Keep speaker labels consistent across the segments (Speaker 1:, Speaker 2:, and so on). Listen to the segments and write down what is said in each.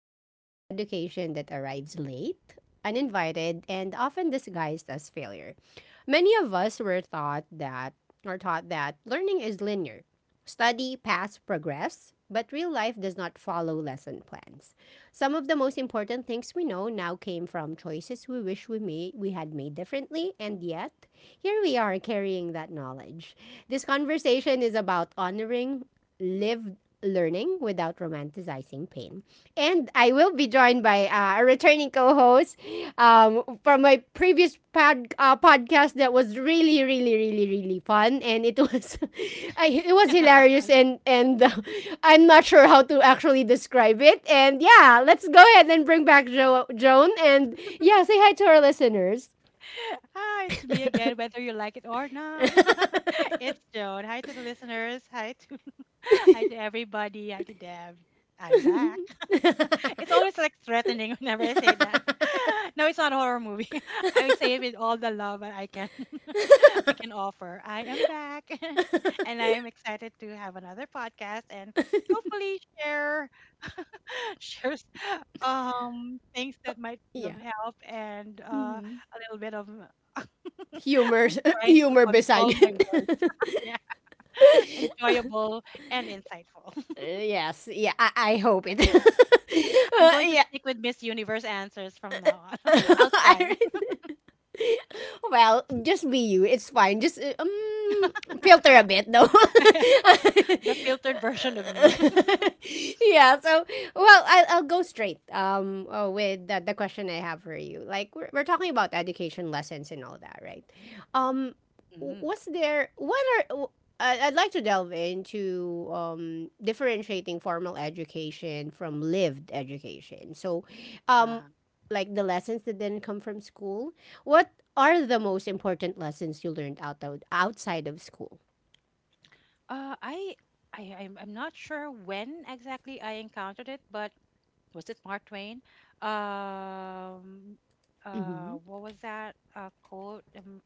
Speaker 1: the kind of education that arrives late, uninvited, and often disguised as failure. Many of us were taught that learning is linear. Study, pass, progress, but real life does not follow lesson plans. Some of the most important things we know now came from choices we wish we had made differently, and yet here we are carrying that knowledge. This conversation is about honoring lived learning without romanticizing pain. And I will be joined by a returning co-host from my previous podcast that was really, really fun, and it was, it was hilarious, and I'm not sure how to actually describe it. And yeah, let's go ahead and bring back Joan, and yeah, say hi to our listeners.
Speaker 2: Hi, it's me again, whether you like it or not. It's Joan. Hi to the listeners. Hi to hi to everybody. Hi to Deb. I'm back. It's always like threatening whenever I say that. No, it's not a horror movie. I say it with all the love that I can I can offer. I am back. And I am excited to have another podcast, and hopefully share share things that might be of
Speaker 1: Yeah.
Speaker 2: help, and
Speaker 1: Mhm.
Speaker 2: a little bit of
Speaker 1: Humor,
Speaker 2: I'm trying to
Speaker 1: humor
Speaker 2: control
Speaker 1: beside
Speaker 2: my words.
Speaker 1: it.
Speaker 2: Yeah. Enjoyable and insightful.
Speaker 1: Yes, yeah, I hope it.
Speaker 2: I'm going to
Speaker 1: Yeah,
Speaker 2: stick with Miss Universe answers from now on. I'll
Speaker 1: I
Speaker 2: try.
Speaker 1: really- well, just be you. It's fine. Just filter a bit, though.
Speaker 2: The filtered version of me.
Speaker 1: Yeah. So, well, I'll go straight with the question I have for you. Like we're talking about education lessons and all that, right? Um,
Speaker 2: Mm,
Speaker 1: was there what are I- I'd like to delve into differentiating formal education from lived education. So, um,
Speaker 2: uh-huh.
Speaker 1: like the lessons that didn't come from school, what are the most important lessons you learned outside of school?
Speaker 2: Uh, I, I'm not sure when exactly I encountered it, but was it Mark Twain? Um,
Speaker 1: Mm-hmm.
Speaker 2: what was that quote? Um,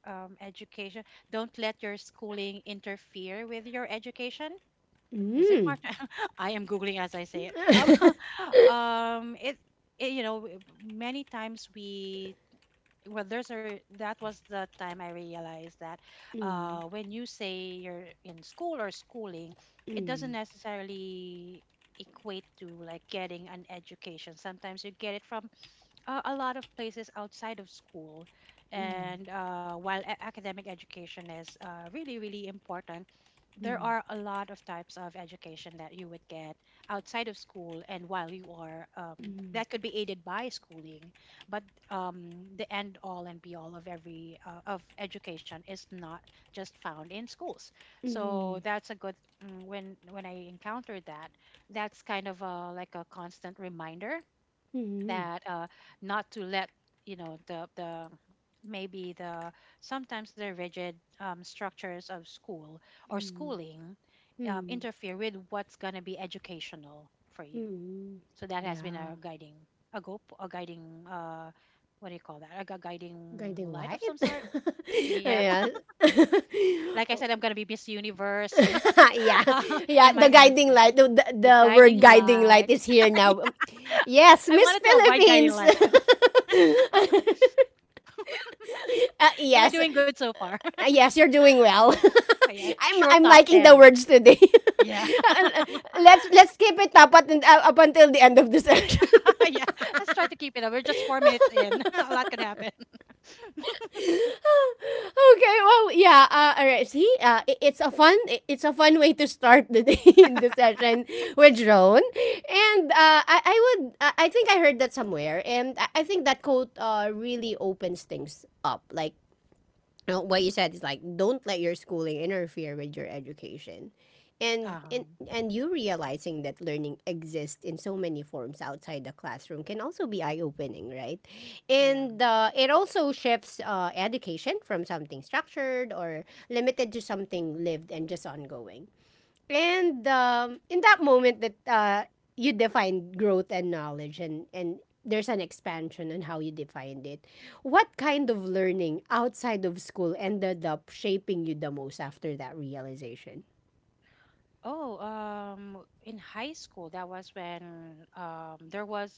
Speaker 2: um, Education. Don't let your schooling interfere with your education. Is it
Speaker 1: Mm.
Speaker 2: March? I am googling as I say it. It, it w- many times we well that was the time I realized that
Speaker 1: Mm,
Speaker 2: when you say you're in school or schooling,
Speaker 1: mm,
Speaker 2: it doesn't
Speaker 1: mm,
Speaker 2: necessarily equate to like getting an education. Sometimes you get it from a lot of places outside of school.
Speaker 1: mm,
Speaker 2: And while academic education is really, really important, there are a lot of types of education that you would get outside of school, and while you are
Speaker 1: mm,
Speaker 2: that could be aided by schooling, but the end all and be all of every of education is not just found in schools. So
Speaker 1: mm,
Speaker 2: that's a good, when I encountered that, that's kind of a, like a constant reminder
Speaker 1: mm,
Speaker 2: that not to let the maybe the sometimes the rigid structures of school or
Speaker 1: mm,
Speaker 2: schooling
Speaker 1: mm.
Speaker 2: interfere with what's going to be educational for you.
Speaker 1: mm.
Speaker 2: So that has been a
Speaker 1: Yeah,
Speaker 2: guiding a go a guiding what do you call that, like a guiding
Speaker 1: guiding
Speaker 2: light of
Speaker 1: light.
Speaker 2: some sort. Yeah.
Speaker 1: Yeah.
Speaker 2: Like I said, I'm going to be Miss Universe.
Speaker 1: Yeah,
Speaker 2: uh,
Speaker 1: yeah.
Speaker 2: in my
Speaker 1: The guiding
Speaker 2: answers,
Speaker 1: light,
Speaker 2: a
Speaker 1: the word
Speaker 2: guiding
Speaker 1: guiding light
Speaker 2: light.
Speaker 1: is here now. Yes,
Speaker 2: I
Speaker 1: Miss
Speaker 2: wanted to avoid guiding
Speaker 1: Philippines.
Speaker 2: light, but am I
Speaker 1: Yes,
Speaker 2: doing good so far?
Speaker 1: yes, you're doing well.
Speaker 2: Oh, yeah, sure,
Speaker 1: I'm
Speaker 2: top
Speaker 1: liking the
Speaker 2: 10.
Speaker 1: words today.
Speaker 2: Yeah.
Speaker 1: Uh, let's keep it up, up until the end of the session.
Speaker 2: Yeah. Let's try to keep it up. We're just 4 minutes in. A lot could happen.
Speaker 1: Okay, well, yeah. All right. See, it's a it's a fun way to start the day in the session with Joan. And I would, I think I heard that somewhere, and I think that quote really opens things up. Like, what you said is like don't let your schooling interfere with your education and and
Speaker 2: Um,
Speaker 1: and you realizing that learning exists in so many forms outside the classroom can also be eye-opening, right?
Speaker 2: yeah.
Speaker 1: And it also shifts education from something structured or limited to something lived and just ongoing. And in that moment that you define growth and knowledge, and there's an expansion on how you defined it, what kind of learning outside of school ended up shaping you the most after that realization?
Speaker 2: Oh, in high school, that was when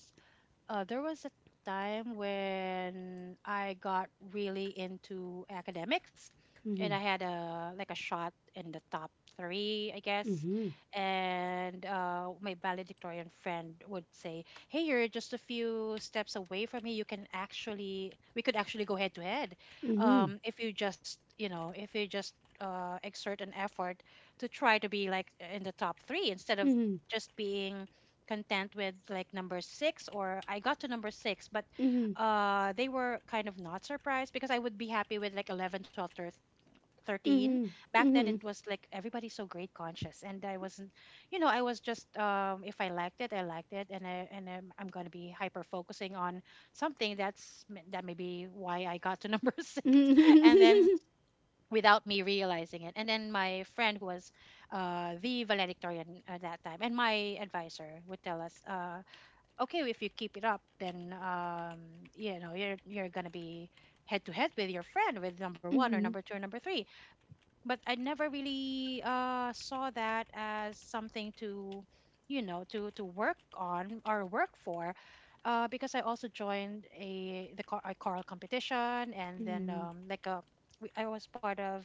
Speaker 2: There was a time when I got really into academics, and
Speaker 1: Mm-hmm.
Speaker 2: I had a like a shot in the top three, I guess.
Speaker 1: Mm-hmm.
Speaker 2: And my valedictorian friend would say, "Hey, you're just a few steps away from me. You can actually, we could actually go head to head,
Speaker 1: Mm-hmm.
Speaker 2: if you just, you know, if you just exert an effort to try to be like in the top three, instead of
Speaker 1: Mm-hmm.
Speaker 2: just being." Content with like number six, or I got to number six, but
Speaker 1: Mm-hmm.
Speaker 2: they were kind of not surprised because I would be happy with like 11, 12, thir- 13.
Speaker 1: Mm-hmm.
Speaker 2: Back then it was like everybody's so grade conscious, and I wasn't, you know, I was just if I liked it, I liked it. And I'm going to be hyper focusing on something that's that may be why I got to number six, and then
Speaker 1: Mm-hmm.
Speaker 2: without me realizing it. And then my friend who was the valedictorian at that time, and my advisor would tell us, okay, if you keep it up, then you know, you're gonna be head to head with your friend, with number one or
Speaker 1: Mm-hmm.
Speaker 2: number two or number three. But I never really saw that as something to, you know, to work on or work for, because I also joined a choral competition, and then like a I was part of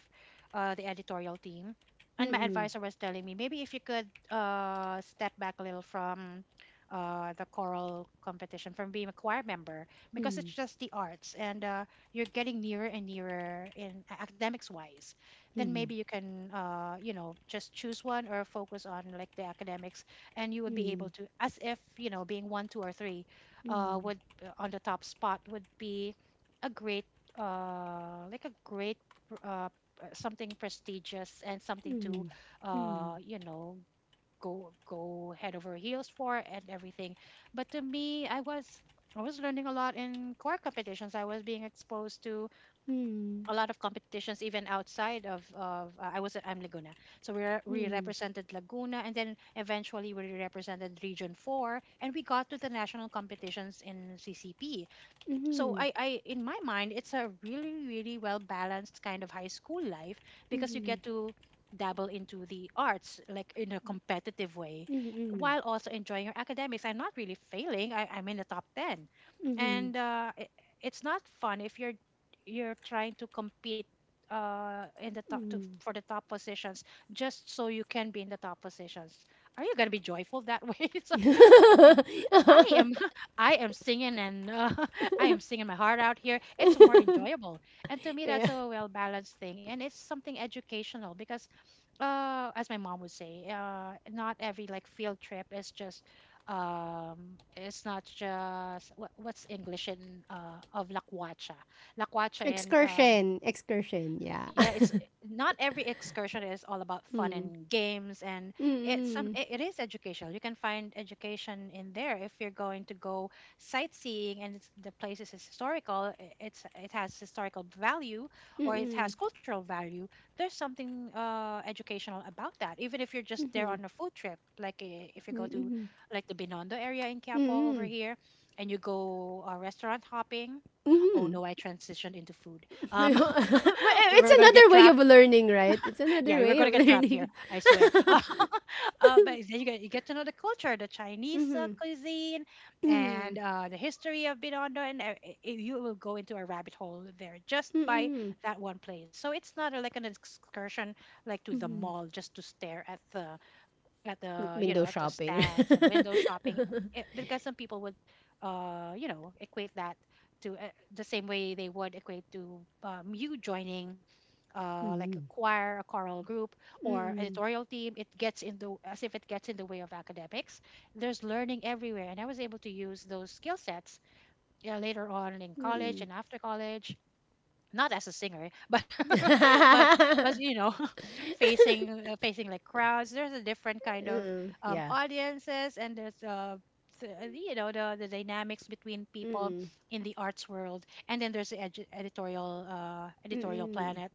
Speaker 2: the editorial team. And my
Speaker 1: Mm-hmm.
Speaker 2: advisor was telling me maybe if you could step back a little from. The choral competition, from being a choir member, because
Speaker 1: Mm-hmm.
Speaker 2: it's just the arts, and you're getting nearer and nearer in academics wise, then
Speaker 1: Mm-hmm.
Speaker 2: maybe you can you know, just choose one or focus on like the academics. And you would be able to, as if, you know, being one two or three, would on the top spot, would be a great uh, like a great pr- uh, something prestigious, and something
Speaker 1: Mm-hmm. Mm-hmm.
Speaker 2: to
Speaker 1: Mm-hmm. Mm-hmm.
Speaker 2: you know, go head over heels for, and everything. But to me, I was learning a lot in core competitions. I was being exposed to
Speaker 1: Mm-hmm.
Speaker 2: a lot of competitions, even outside of I was at I'm Laguna, so we
Speaker 1: Mm-hmm.
Speaker 2: represented Laguna, and then eventually we represented Region Four, and we got to the national competitions in CCP.
Speaker 1: Mm-hmm.
Speaker 2: So
Speaker 1: Mm-hmm.
Speaker 2: I in my mind it's a really really well balanced kind of high school life, because you
Speaker 1: Mm-hmm.
Speaker 2: get to dabble into the arts, like in a competitive way,
Speaker 1: Mm-mm.
Speaker 2: while also enjoying your academics. I'm not really failing. I'm in the top 10.
Speaker 1: Mm-mm.
Speaker 2: And it's not fun if you're trying to compete in the for the top positions, just so you can be in the top positions. Are you going to be joyful that way? So I am I am singing, and I am singing my heart out here. It's more enjoyable, and to me that's
Speaker 1: Yeah.
Speaker 2: a well balanced thing, and it's something educational because, as my mom would say, not every like field trip is just, it's not just what, what's English in of Lakwacha, Lakwacha La in
Speaker 1: Excursion. Excursion. Yeah.
Speaker 2: yeah, it's not every excursion is all about fun
Speaker 1: Mm.
Speaker 2: and games, and
Speaker 1: Mm-mm.
Speaker 2: it, it is educational. You can find education in there if you're going to go sightseeing, and it's, the place is historical. It's, it has historical value, or it
Speaker 1: Mm-mm.
Speaker 2: has cultural value. There's something educational about that, even if you're just
Speaker 1: mm
Speaker 2: there
Speaker 1: Hmm.
Speaker 2: on a food trip, like eh, if you go to
Speaker 1: Mm-mm.
Speaker 2: like the Binondo area in Quiapo over
Speaker 1: Mm-mm.
Speaker 2: here, and you go restaurant hopping. Oh
Speaker 1: Mm-mm.
Speaker 2: no, I transitioned into food.
Speaker 1: But
Speaker 2: um we are
Speaker 1: it's
Speaker 2: gonna get
Speaker 1: another way
Speaker 2: trapped.
Speaker 1: of learning, right? It's
Speaker 2: Yeah,
Speaker 1: another
Speaker 2: we are
Speaker 1: way
Speaker 2: gonna
Speaker 1: of
Speaker 2: get trapped here.
Speaker 1: learning.
Speaker 2: I swear. But then you get to know the culture, the Chinese
Speaker 1: Mm-hmm.
Speaker 2: cuisine,
Speaker 1: Mm-hmm.
Speaker 2: and the history of Binondo, and you will go into a rabbit hole there just by
Speaker 1: Mm-mm.
Speaker 2: that one place. So it's not like an excursion, like to the mall, just to stare at the,
Speaker 1: W-
Speaker 2: you
Speaker 1: Window
Speaker 2: know, at the
Speaker 1: shopping.
Speaker 2: stands, and window shopping.
Speaker 1: Mm-mm.
Speaker 2: Because some people would you know equate that to the same way they would equate to you joining like a
Speaker 1: Mm-mm.
Speaker 2: choir, a choral group, or
Speaker 1: Mm-mm.
Speaker 2: editorial team. It gets in the, as if it gets in the way of academics. There's learning everywhere, and I was able to use those skill sets, yeah, later on in college and after college. Not as a singer, eh, but but you know, facing facing like crowds, there's a different kind of
Speaker 1: Mm-mm. Yeah.
Speaker 2: audiences, and there's you know, the dynamics between people
Speaker 1: Mm-mm.
Speaker 2: in the arts world. And then there's the editorial, editorial
Speaker 1: Mm-mm.
Speaker 2: planet.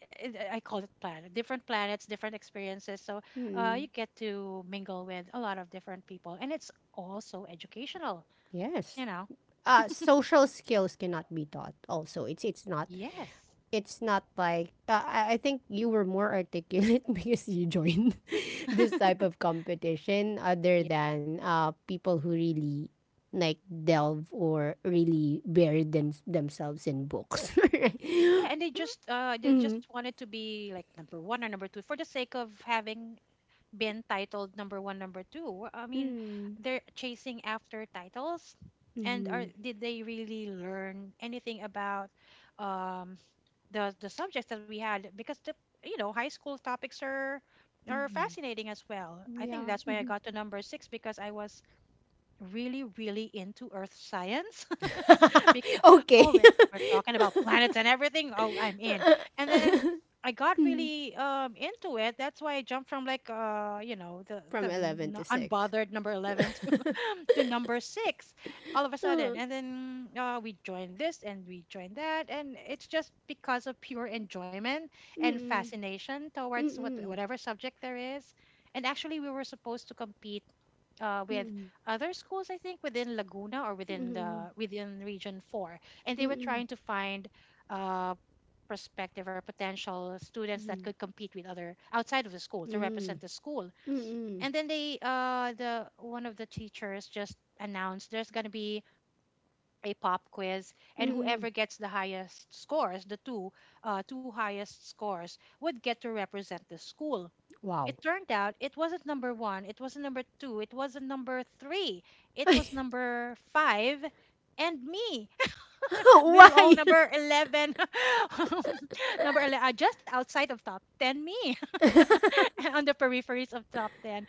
Speaker 2: It- I call it planet. Different planets, different experiences. So you
Speaker 1: Mm-mm.
Speaker 2: get to mingle with a lot of different people, and it's also educational. You
Speaker 1: Yes.
Speaker 2: know,
Speaker 1: Social skills cannot be taught also, it's not,
Speaker 2: yes.
Speaker 1: it's not like I think you were more articulate because you joined this type of competition other than people who really like delve or really bury themselves in books.
Speaker 2: Yeah, and they
Speaker 1: Mm-hmm.
Speaker 2: just wanted to be like number one or number two for the sake of having been titled number one, number two. I mean,
Speaker 1: Mm-hmm.
Speaker 2: they're chasing after titles, and are did they really learn anything about um the subjects that we had? Because the, you know, high school topics are fascinating as well. I think
Speaker 1: Yeah,
Speaker 2: that's why I
Speaker 1: mhm.
Speaker 2: got to number six, because I was really really into earth science. Because
Speaker 1: Okay.
Speaker 2: oh, we're talking about planets and everything, oh I'm in. And then I got really into it. That's why I jumped from like you know, the
Speaker 1: From 11 to 6.
Speaker 2: unbothered number 11 to, to number 6, all of a sudden.
Speaker 1: Uh-huh.
Speaker 2: And then we joined this and we joined that, and it's just because of pure enjoyment and
Speaker 1: Mm-mm.
Speaker 2: fascination towards what
Speaker 1: Mm-mm.
Speaker 2: whatever subject there is. And actually we were supposed to compete with
Speaker 1: Mm-mm.
Speaker 2: other schools, I think within Laguna, or within
Speaker 1: Mm,
Speaker 2: the within Region Four, and they were
Speaker 1: mm,
Speaker 2: trying to find uh, prospective or potential students that
Speaker 1: mm,
Speaker 2: could compete with other outside of the school to
Speaker 1: mm,
Speaker 2: represent the school.
Speaker 1: mm,
Speaker 2: And then the one of the teachers just announced there's going to be a pop quiz, and
Speaker 1: mm.
Speaker 2: whoever gets the highest scores, the two highest scores would get to represent the school.
Speaker 1: Wow.
Speaker 2: It turned out it wasn't number one, it wasn't number two, it wasn't number three, it was number five, and me, little O
Speaker 1: Why?
Speaker 2: number 11, um, number 11, just outside of top 10, me, on the peripheries of top 10.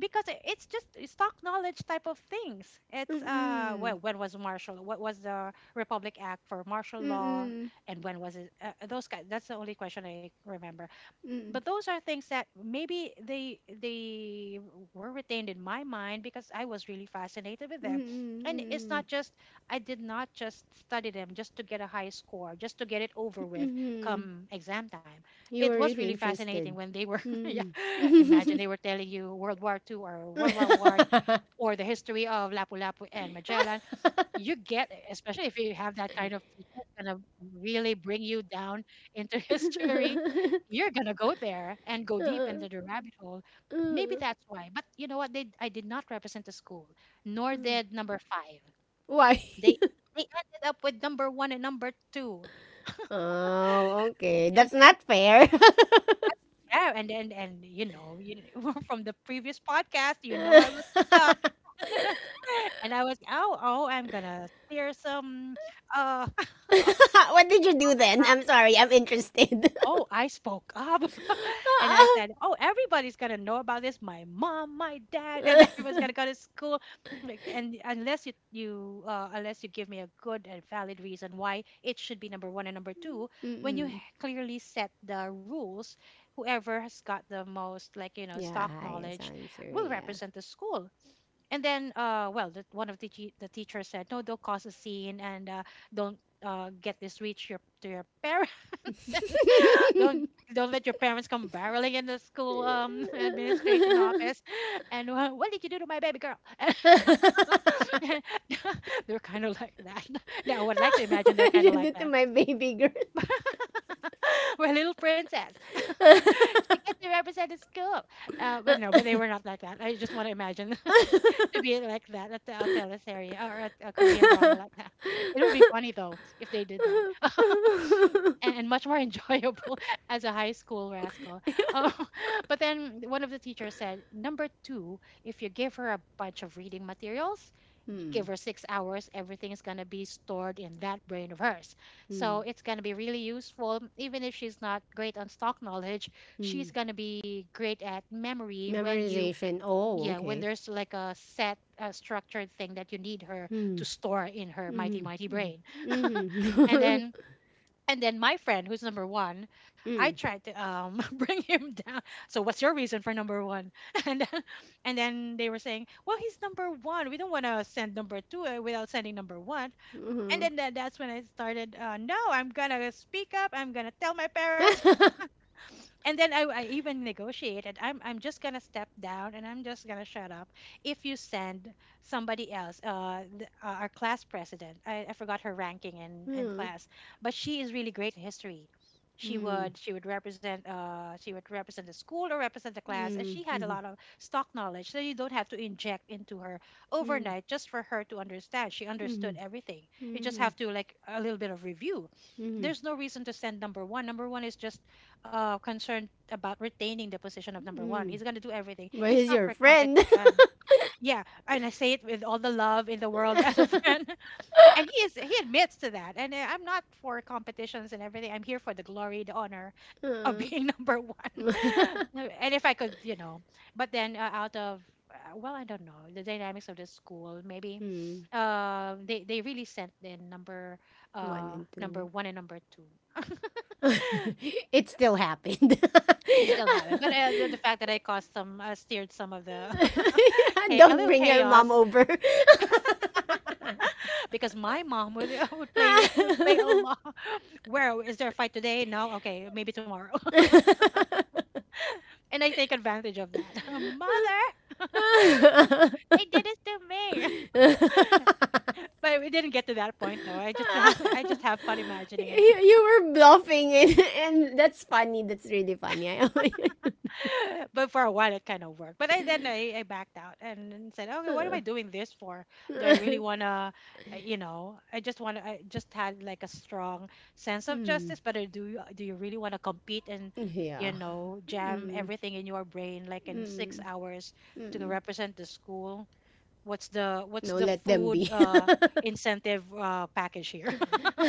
Speaker 2: Because it's just stock knowledge type of things.
Speaker 1: Mm,
Speaker 2: It's
Speaker 1: mm,
Speaker 2: well, when was martial? What was the Republic Act for martial law,
Speaker 1: mm,
Speaker 2: and when was it? Those guys. That's the only question I remember,
Speaker 1: mm,
Speaker 2: but
Speaker 1: mm,
Speaker 2: those are things that maybe they were retained in my mind because I was really fascinated with them. And it's not just— I did not just study them just to get a high score, just to get it over with
Speaker 1: mm.
Speaker 2: come exam time.
Speaker 1: You
Speaker 2: It
Speaker 1: were
Speaker 2: was
Speaker 1: really
Speaker 2: really fascinating
Speaker 1: interested.
Speaker 2: when they were yeah,
Speaker 1: Mm.
Speaker 2: imagine they were telling you World War Two or World War One or the history of Lapu-Lapu and Magellan, you get it. Especially if you have that kind of teacher, it's gonna really bring you down into history. You're gonna go there and go deep into the rabbit hole. Maybe that's why. But you know what, they— I did not represent the school, nor did number five.
Speaker 1: Why?
Speaker 2: They— they ended up with number one and number two.
Speaker 1: Oh, okay.
Speaker 2: And
Speaker 1: That's
Speaker 2: then—
Speaker 1: not fair.
Speaker 2: yeah, and you know, you, from the previous podcast, you know, I was up, and I was, oh, oh, I'm gonna steer some uh
Speaker 1: What did you do then? I'm sorry, I'm interested.
Speaker 2: Oh, I spoke up and I said, oh, everybody's gonna know about this. My mom, my dad, and everyone's gonna go to school. Like, and unless you— unless you give me a good and valid reason why it should be number one and number two, when you
Speaker 1: Mm-mm.
Speaker 2: clearly set the rules, whoever has got the most, like, you know, stock
Speaker 1: Yeah, highest
Speaker 2: knowledge
Speaker 1: answer,
Speaker 2: will
Speaker 1: yeah.
Speaker 2: represent the school. And then well, the— one of the teachers said, no, don't cause a scene, and don't get this reach your— to your parents and don't don't let your parents come barreling in the school, um, administration office, and what did you do to my baby girl? They're kind of like that. Now I would like to imagine
Speaker 1: What
Speaker 2: they're
Speaker 1: did
Speaker 2: kind of
Speaker 1: you
Speaker 2: like
Speaker 1: do to
Speaker 2: that.
Speaker 1: my baby girl?
Speaker 2: We're little princess. She gets to represent the school. But no, but they were not like that. I just want to imagine to be like that at the— a teleserie or at a Korean drama like that. It would be funny though if they did that, and much more enjoyable as a high school rascal. Oh, but then one of the teachers said, number two, if you give her a bunch of reading materials, give
Speaker 1: Hmm.
Speaker 2: her 6 hours, everything is going to be stored in that brain of hers.
Speaker 1: Hmm.
Speaker 2: So it's going to be really useful. Even if she's not great on stock knowledge, she's
Speaker 1: Hmm.
Speaker 2: going to be great at memory when you—
Speaker 1: Memorization. Oh,
Speaker 2: yeah, when
Speaker 1: okay.
Speaker 2: there's like a set, a structured thing that you need her
Speaker 1: Hmm.
Speaker 2: to store in her mighty,
Speaker 1: Mm-hmm.
Speaker 2: mighty brain. And
Speaker 1: Mm-hmm.
Speaker 2: then— and then my friend, who's number one, I
Speaker 1: Mm-hmm.
Speaker 2: tried to bring him down. So what's your reason for number one? And then, and then they were saying, well, he's number one. We don't want to send number two without sending number one. And
Speaker 1: Mm-hmm.
Speaker 2: then that's when I started. No, I'm gonna speak up. I'm gonna tell my parents. And then I even negotiated. I'm just gonna step down and I'm just gonna shut up if you send somebody else. Uh, our class president. I forgot her ranking in class, but she is really great in history. She would represent— she would represent the school or represent the class, and she had a lot of stock knowledge. So you don't have to inject into her overnight just for her to understand. She understood everything. You just have to, like, a little bit of review. There's no reason to send number one. Number one is just concerned about retaining the position of number one. He's going to do everything.
Speaker 1: But
Speaker 2: He's
Speaker 1: he's
Speaker 2: not
Speaker 1: your
Speaker 2: for
Speaker 1: friend.
Speaker 2: competition. Yeah, and I say it with all the love in the world as a friend. And he is— he admits to that. And I'm not for competitions and everything. I'm here for the glory, the honor of
Speaker 1: Uh,
Speaker 2: being number one. And if I could, you know, but then out of well, I don't know the dynamics of the school. Maybe
Speaker 1: hmm.
Speaker 2: they— they really sent in number—
Speaker 1: One and
Speaker 2: number
Speaker 1: two.
Speaker 2: one and number two.
Speaker 1: It still happened.
Speaker 2: It still happened, but the fact that I caused some, steered some of the, a
Speaker 1: Don't
Speaker 2: little
Speaker 1: bring your mom
Speaker 2: chaos
Speaker 1: over.
Speaker 2: because my mom would would play would play a lot. Where is there a fight today? No, okay, maybe tomorrow. And I take advantage of that. Mother, they did this to me. But we didn't get to that point though. I just I just have fun
Speaker 1: you,
Speaker 2: imagining it.
Speaker 1: you were bluffing, and that's funny. That's really funny. I
Speaker 2: But for a while it kind of worked. But I— then I backed out and then said, okay, what am I doing this for? Do I really wanna— you know, I just want to— I just had like a strong sense of
Speaker 1: mm,
Speaker 2: justice. But I— do you— do you really want to compete and you
Speaker 1: yeah.
Speaker 2: know jam
Speaker 1: Mm,
Speaker 2: everything in your brain like in six
Speaker 1: mm,
Speaker 2: hours to
Speaker 1: mm.
Speaker 2: represent the school? What's the— what's
Speaker 1: No,
Speaker 2: the
Speaker 1: let them
Speaker 2: food
Speaker 1: be.
Speaker 2: incentive package here?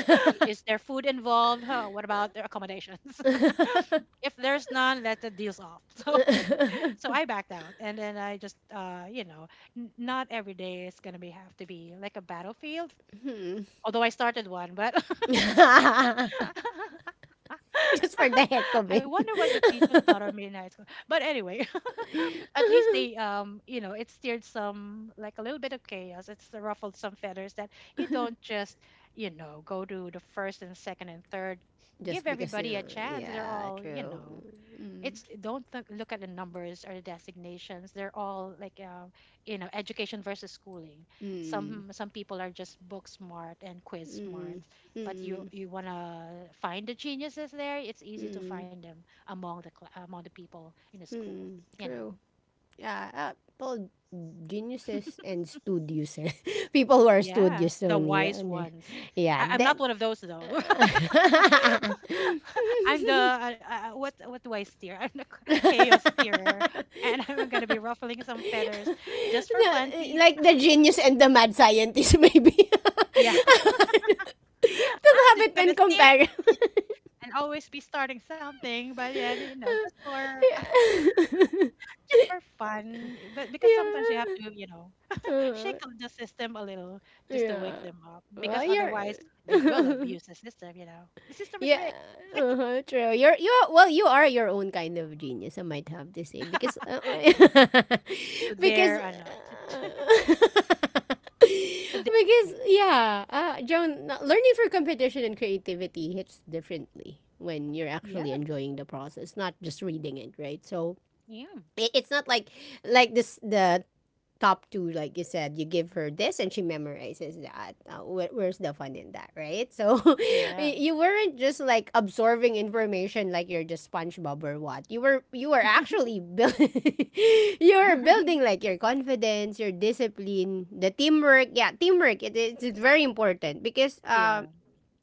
Speaker 2: Is there food involved? Huh, what about their accommodations? If there's none, let the deals off. So, so I backed out, and then I just, you know, not every day is gonna be— have to be like a battlefield.
Speaker 1: Mm.
Speaker 2: Although I started one, but
Speaker 1: Just for the heck of
Speaker 2: I
Speaker 1: it.
Speaker 2: wonder what the teachers thought of me in high school. But anyway, at least they, you know, it steered some, like, a little bit of chaos. It's ruffled some feathers, that you don't just, you know, go to the first and second and third. Give
Speaker 1: Just because
Speaker 2: everybody
Speaker 1: you,
Speaker 2: a chance. They're
Speaker 1: yeah,
Speaker 2: all, you
Speaker 1: true.
Speaker 2: know, it's—
Speaker 1: Mm,
Speaker 2: don't look at the numbers or the designations. They're all like, you know, education versus schooling.
Speaker 1: mm,
Speaker 2: Some people are just book smart and quiz smart,
Speaker 1: mm,
Speaker 2: but you—
Speaker 1: mm,
Speaker 2: you want to find the geniuses there. It's easy to
Speaker 1: mm,
Speaker 2: find them among the among the people in the school, you know.
Speaker 1: true. Yeah, people, geniuses and studios. Eh. People who are
Speaker 2: Yeah,
Speaker 1: studios
Speaker 2: the
Speaker 1: only.
Speaker 2: wise ones.
Speaker 1: Yeah,
Speaker 2: I— I'm
Speaker 1: that.
Speaker 2: not one of those though. I'm the what— what do I steer? I'm the chaos steerer, and I'm gonna be ruffling some feathers just for
Speaker 1: No,
Speaker 2: funsies.
Speaker 1: like the genius and the mad scientist, maybe.
Speaker 2: Yeah,
Speaker 1: To
Speaker 2: I'm
Speaker 1: have
Speaker 2: just
Speaker 1: it
Speaker 2: gonna
Speaker 1: and
Speaker 2: steer
Speaker 1: compare.
Speaker 2: and always be starting something, but yeah, you know, just for
Speaker 1: Yeah.
Speaker 2: just for fun. Eh, but because sometimes you have
Speaker 1: Yeah.
Speaker 2: to, you know, shake
Speaker 1: Uh,
Speaker 2: up the system a little, just to wake
Speaker 1: yeah.
Speaker 2: them up,
Speaker 1: Well,
Speaker 2: because
Speaker 1: you're.
Speaker 2: otherwise they will abuse the system. You know, the system is
Speaker 1: Yeah,
Speaker 2: rigged.
Speaker 1: uh-huh, true. You're you Well, you are your own kind of genius, I might have to say because
Speaker 2: Yeah, to
Speaker 1: because
Speaker 2: their no, to, to their
Speaker 1: because
Speaker 2: mate.
Speaker 1: yeah, Joan, learning for competition and creativity hits differently when you're
Speaker 2: Yeah,
Speaker 1: actually enjoying the process, not just reading it, right? So
Speaker 2: yeah,
Speaker 1: it's not like like this the top two, like you said, you give her this and she memorizes that. Where's the fun in that, right? So
Speaker 2: yeah,
Speaker 1: you weren't just like absorbing information like you're just SpongeBob or what. You were actually build you were building like your confidence, your discipline, the teamwork. Yeah, teamwork. It's very important because
Speaker 2: yeah,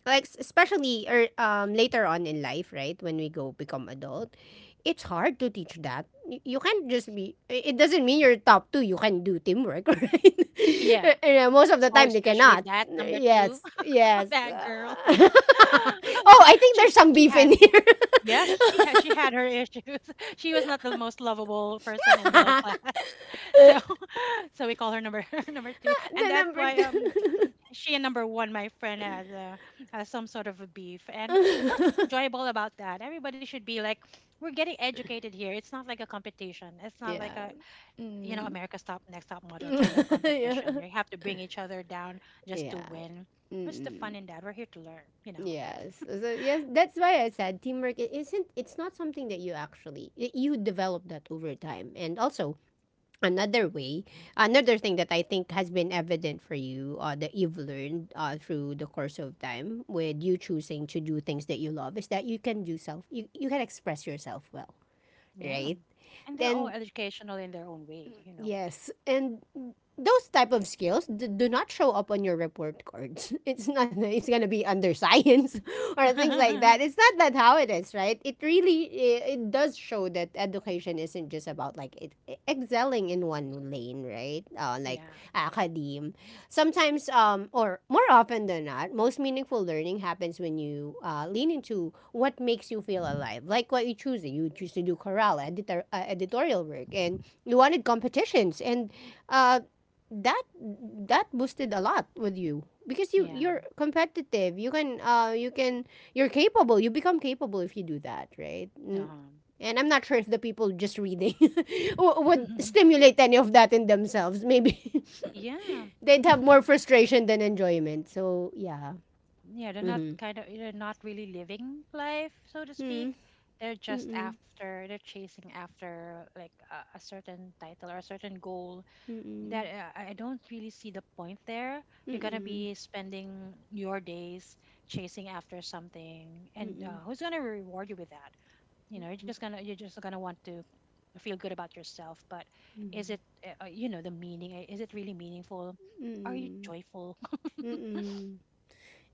Speaker 1: like especially or later on in life, right? When we go become adult, it's hard to teach that. You can't just be. It doesn't mean you're top two. You can do teamwork. Right?
Speaker 2: yeah.
Speaker 1: Yeah. Most of the
Speaker 2: Oh,
Speaker 1: time, they
Speaker 2: especially
Speaker 1: cannot.
Speaker 2: that number two,
Speaker 1: Yes, yes.
Speaker 2: that girl.
Speaker 1: Oh, I think
Speaker 2: She—
Speaker 1: there's some
Speaker 2: she
Speaker 1: beef in
Speaker 2: had—
Speaker 1: here.
Speaker 2: yeah, she had— she had her issues. She was not the most lovable person in the class. So so we call her number number 2. And
Speaker 1: The
Speaker 2: that's
Speaker 1: number
Speaker 2: why, um,
Speaker 1: two.
Speaker 2: she and number 1— my friend has some sort of a beef. And what's enjoyable about that? Everybody should be like, we're getting educated here. It's not like a competition. It's not like
Speaker 1: Yeah.
Speaker 2: a, you know,
Speaker 1: Mm.
Speaker 2: America's top— next top model kind of competition.
Speaker 1: Yeah.
Speaker 2: You have to bring each other down just to
Speaker 1: Yeah.
Speaker 2: win. What's the fun
Speaker 1: Mm-mm.
Speaker 2: in that? We're here to learn, you know.
Speaker 1: Yes. So so, yes, that's why I said teamwork is isn't it's not something that you actually you develop that over time. And also another way, another thing that I think has been evident for you that you've learned through the course of time with you choosing to do things that you love is that you can express yourself well,
Speaker 2: Yeah.
Speaker 1: right?
Speaker 2: And they're all
Speaker 1: Then
Speaker 2: educational in their own way, you know.
Speaker 1: yes, and those type of skills do not show up on your report cards. It's not that it's gonna be under science or things like that. It's not that how it is, right? It really, it does show that education isn't just about like it, excelling in one lane, right? Like
Speaker 2: Yeah,
Speaker 1: academe sometimes or more often than not, most meaningful learning happens when you lean into what makes you feel alive, like what you choose to do, chorale editor, editorial work, and you wanted competitions and uh, that that boosted a lot with you because you
Speaker 2: yeah.
Speaker 1: you're competitive, you can you can you become capable if you do that, right? Mm,
Speaker 2: Uh-huh.
Speaker 1: and I'm not sure if the people just reading would stimulate any of that in themselves. Maybe
Speaker 2: Yeah,
Speaker 1: they'd have more frustration than enjoyment. So, yeah.
Speaker 2: yeah. They're not
Speaker 1: Mm-hmm.
Speaker 2: kind of— they're not really living life, so to speak.
Speaker 1: Hmm.
Speaker 2: They're just
Speaker 1: Mm-mm.
Speaker 2: after— they're chasing after like a— a certain title or a certain goal.
Speaker 1: Mm-mm.
Speaker 2: That I— I don't really see the point there. You're gonna
Speaker 1: Mm-mm.
Speaker 2: be spending your days chasing after something, and
Speaker 1: Mm-mm.
Speaker 2: who's gonna reward you with that? You're just gonna want to feel good about yourself, but is
Speaker 1: Mm-mm.
Speaker 2: it the meaning, is it really meaningful? Are you
Speaker 1: Mm-mm.
Speaker 2: joyful?
Speaker 1: Mm-mm.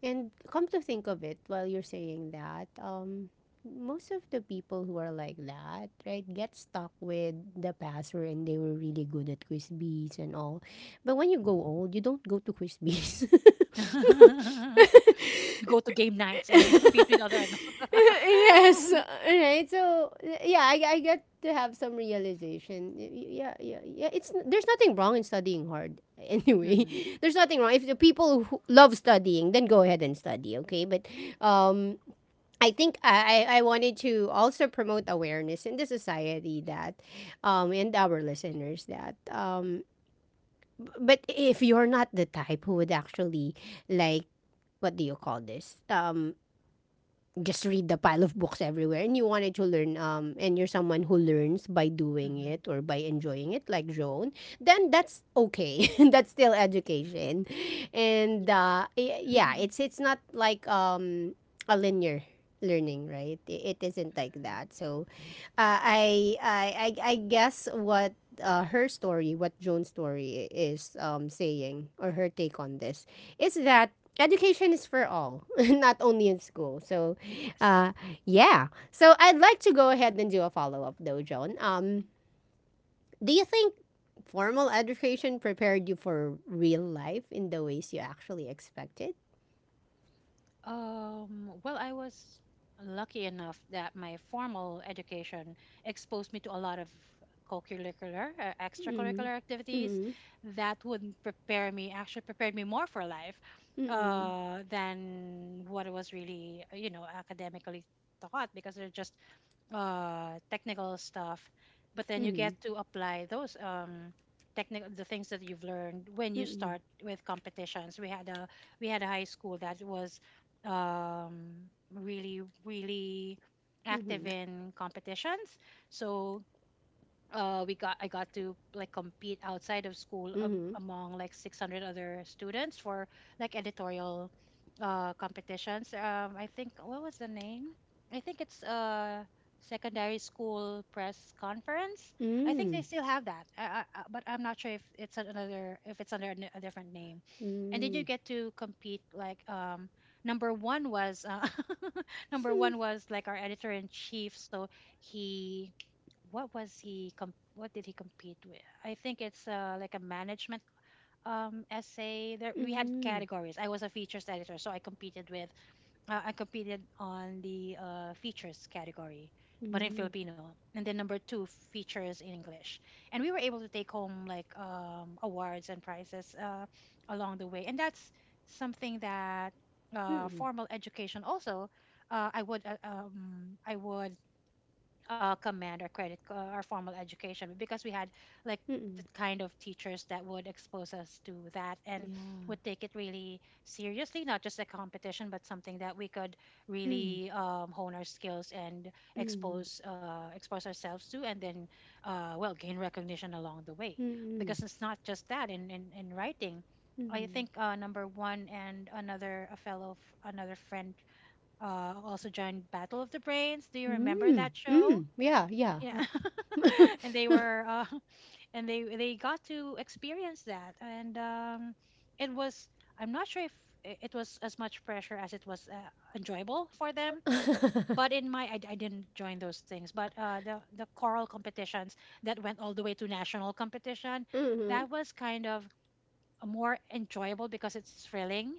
Speaker 1: And come to think of it, while you're saying that, most of the people who are like that, right, get stuck with the past, and they were really good at quiz bees and all. But when you go old, you don't go to quiz bees.
Speaker 2: You go to game nights and compete with other adults.
Speaker 1: Yes,
Speaker 2: Hmm.
Speaker 1: right. So yeah, I get to have some realization. Yeah, yeah, yeah, there's nothing wrong in studying hard. Anyway, there's nothing wrong if the people who love studying then go ahead and study, okay, but um I think I wanted to also promote awareness in the society that, and our listeners that, but if you're not the type who would actually like, what do you call this? Just read the pile of books everywhere and you wanted to learn and you're someone who learns by doing
Speaker 2: Hmm.
Speaker 1: it or by enjoying it like Joan, then that's okay. That's still education. And yeah, it's not like a linear learning, right? It isn't like that. So I guess what her story what Joan's story is saying or her take on this is that education is for all. Not only in school. So uh,
Speaker 2: Yes.
Speaker 1: yeah. So I'd like to go ahead and do a follow up though, John. Do you think formal education prepared you for real life in the ways you actually expected?
Speaker 2: Well, I was lucky enough that my formal education exposed me to a lot of co-curricular,
Speaker 1: Mm-hmm.
Speaker 2: extracurricular activities
Speaker 1: Mm-hmm.
Speaker 2: that would actually prepared me more for life than what was really, academically taught, because they're just technical stuff. But then you
Speaker 1: Mm-hmm.
Speaker 2: get to apply those technical the things that you've learned when you
Speaker 1: Mm-hmm.
Speaker 2: start with competitions. We had a high school that was really really
Speaker 1: Mm-hmm.
Speaker 2: active in competitions, so we got I got to like compete outside of school a
Speaker 1: Mm-hmm.
Speaker 2: among like 600 other students for like editorial competitions. I think, what was the name? I think it's secondary school press conference. I think
Speaker 1: Mm-hmm.
Speaker 2: they still have that. But I'm not sure if it's under a a different name.
Speaker 1: Mm-hmm.
Speaker 2: And then you
Speaker 1: Mm-hmm.
Speaker 2: get to compete like number one was number one was like our editor in chief. So he, what did he compete with? I think it's like a management essay. There we had
Speaker 1: Mm-hmm.
Speaker 2: categories. I was a features editor, so I competed with I competed on the features category but in filipino. And then number two, features in english. And we were able to take home like awards and prizes along the way. And that's something that
Speaker 1: Mm-hmm. Mm-hmm.
Speaker 2: formal education also, I would command or credit or formal education, because we had like
Speaker 1: Mm-hmm.
Speaker 2: the kind of teachers that would expose us to that, and
Speaker 1: Yeah.
Speaker 2: would take it really seriously. Not just a competition, but something that we could
Speaker 1: Mm-hmm.
Speaker 2: really hone our skills and
Speaker 1: Mm-hmm.
Speaker 2: expose expose ourselves to. And then well, gain recognition along the way.
Speaker 1: Mm-hmm.
Speaker 2: Because it's not just that, in in writing, I think number one and another a fellow another friend also joined Battle of the Brains. Do you remember
Speaker 1: Mm-hmm.
Speaker 2: that show?
Speaker 1: Mm-hmm. Yeah. Yeah.
Speaker 2: Yeah. And they were and they got to experience that. And um, it was, I'm not sure if it was as much pressure as it was enjoyable for them. But in my, I didn't join those things, but uh, the choral competitions that went all the way to national competition,
Speaker 1: Mm-hmm.
Speaker 2: that was kind of a more enjoyable, because it's thrilling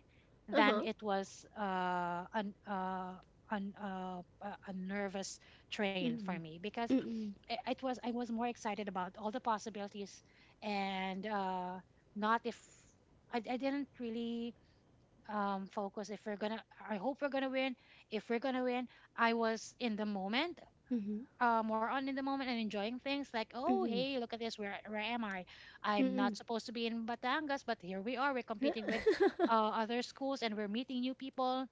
Speaker 2: than
Speaker 1: Uh-huh.
Speaker 2: it was an a nervous train for
Speaker 1: Mm-hmm.
Speaker 2: me, because
Speaker 1: Mm-hmm.
Speaker 2: I- it was, I was more excited about all the possibilities and not if I didn't really focus if we're gonna, I hope we're gonna win, if we're gonna win. I was in the moment,
Speaker 1: Mm-hmm.
Speaker 2: more on in the moment and enjoying things like, oh,
Speaker 1: Mm-hmm.
Speaker 2: hey, look at this. Where am I? I'm
Speaker 1: Mm-hmm.
Speaker 2: not supposed to be in Batangas, but here we are. We're competing with other schools, and we're meeting new people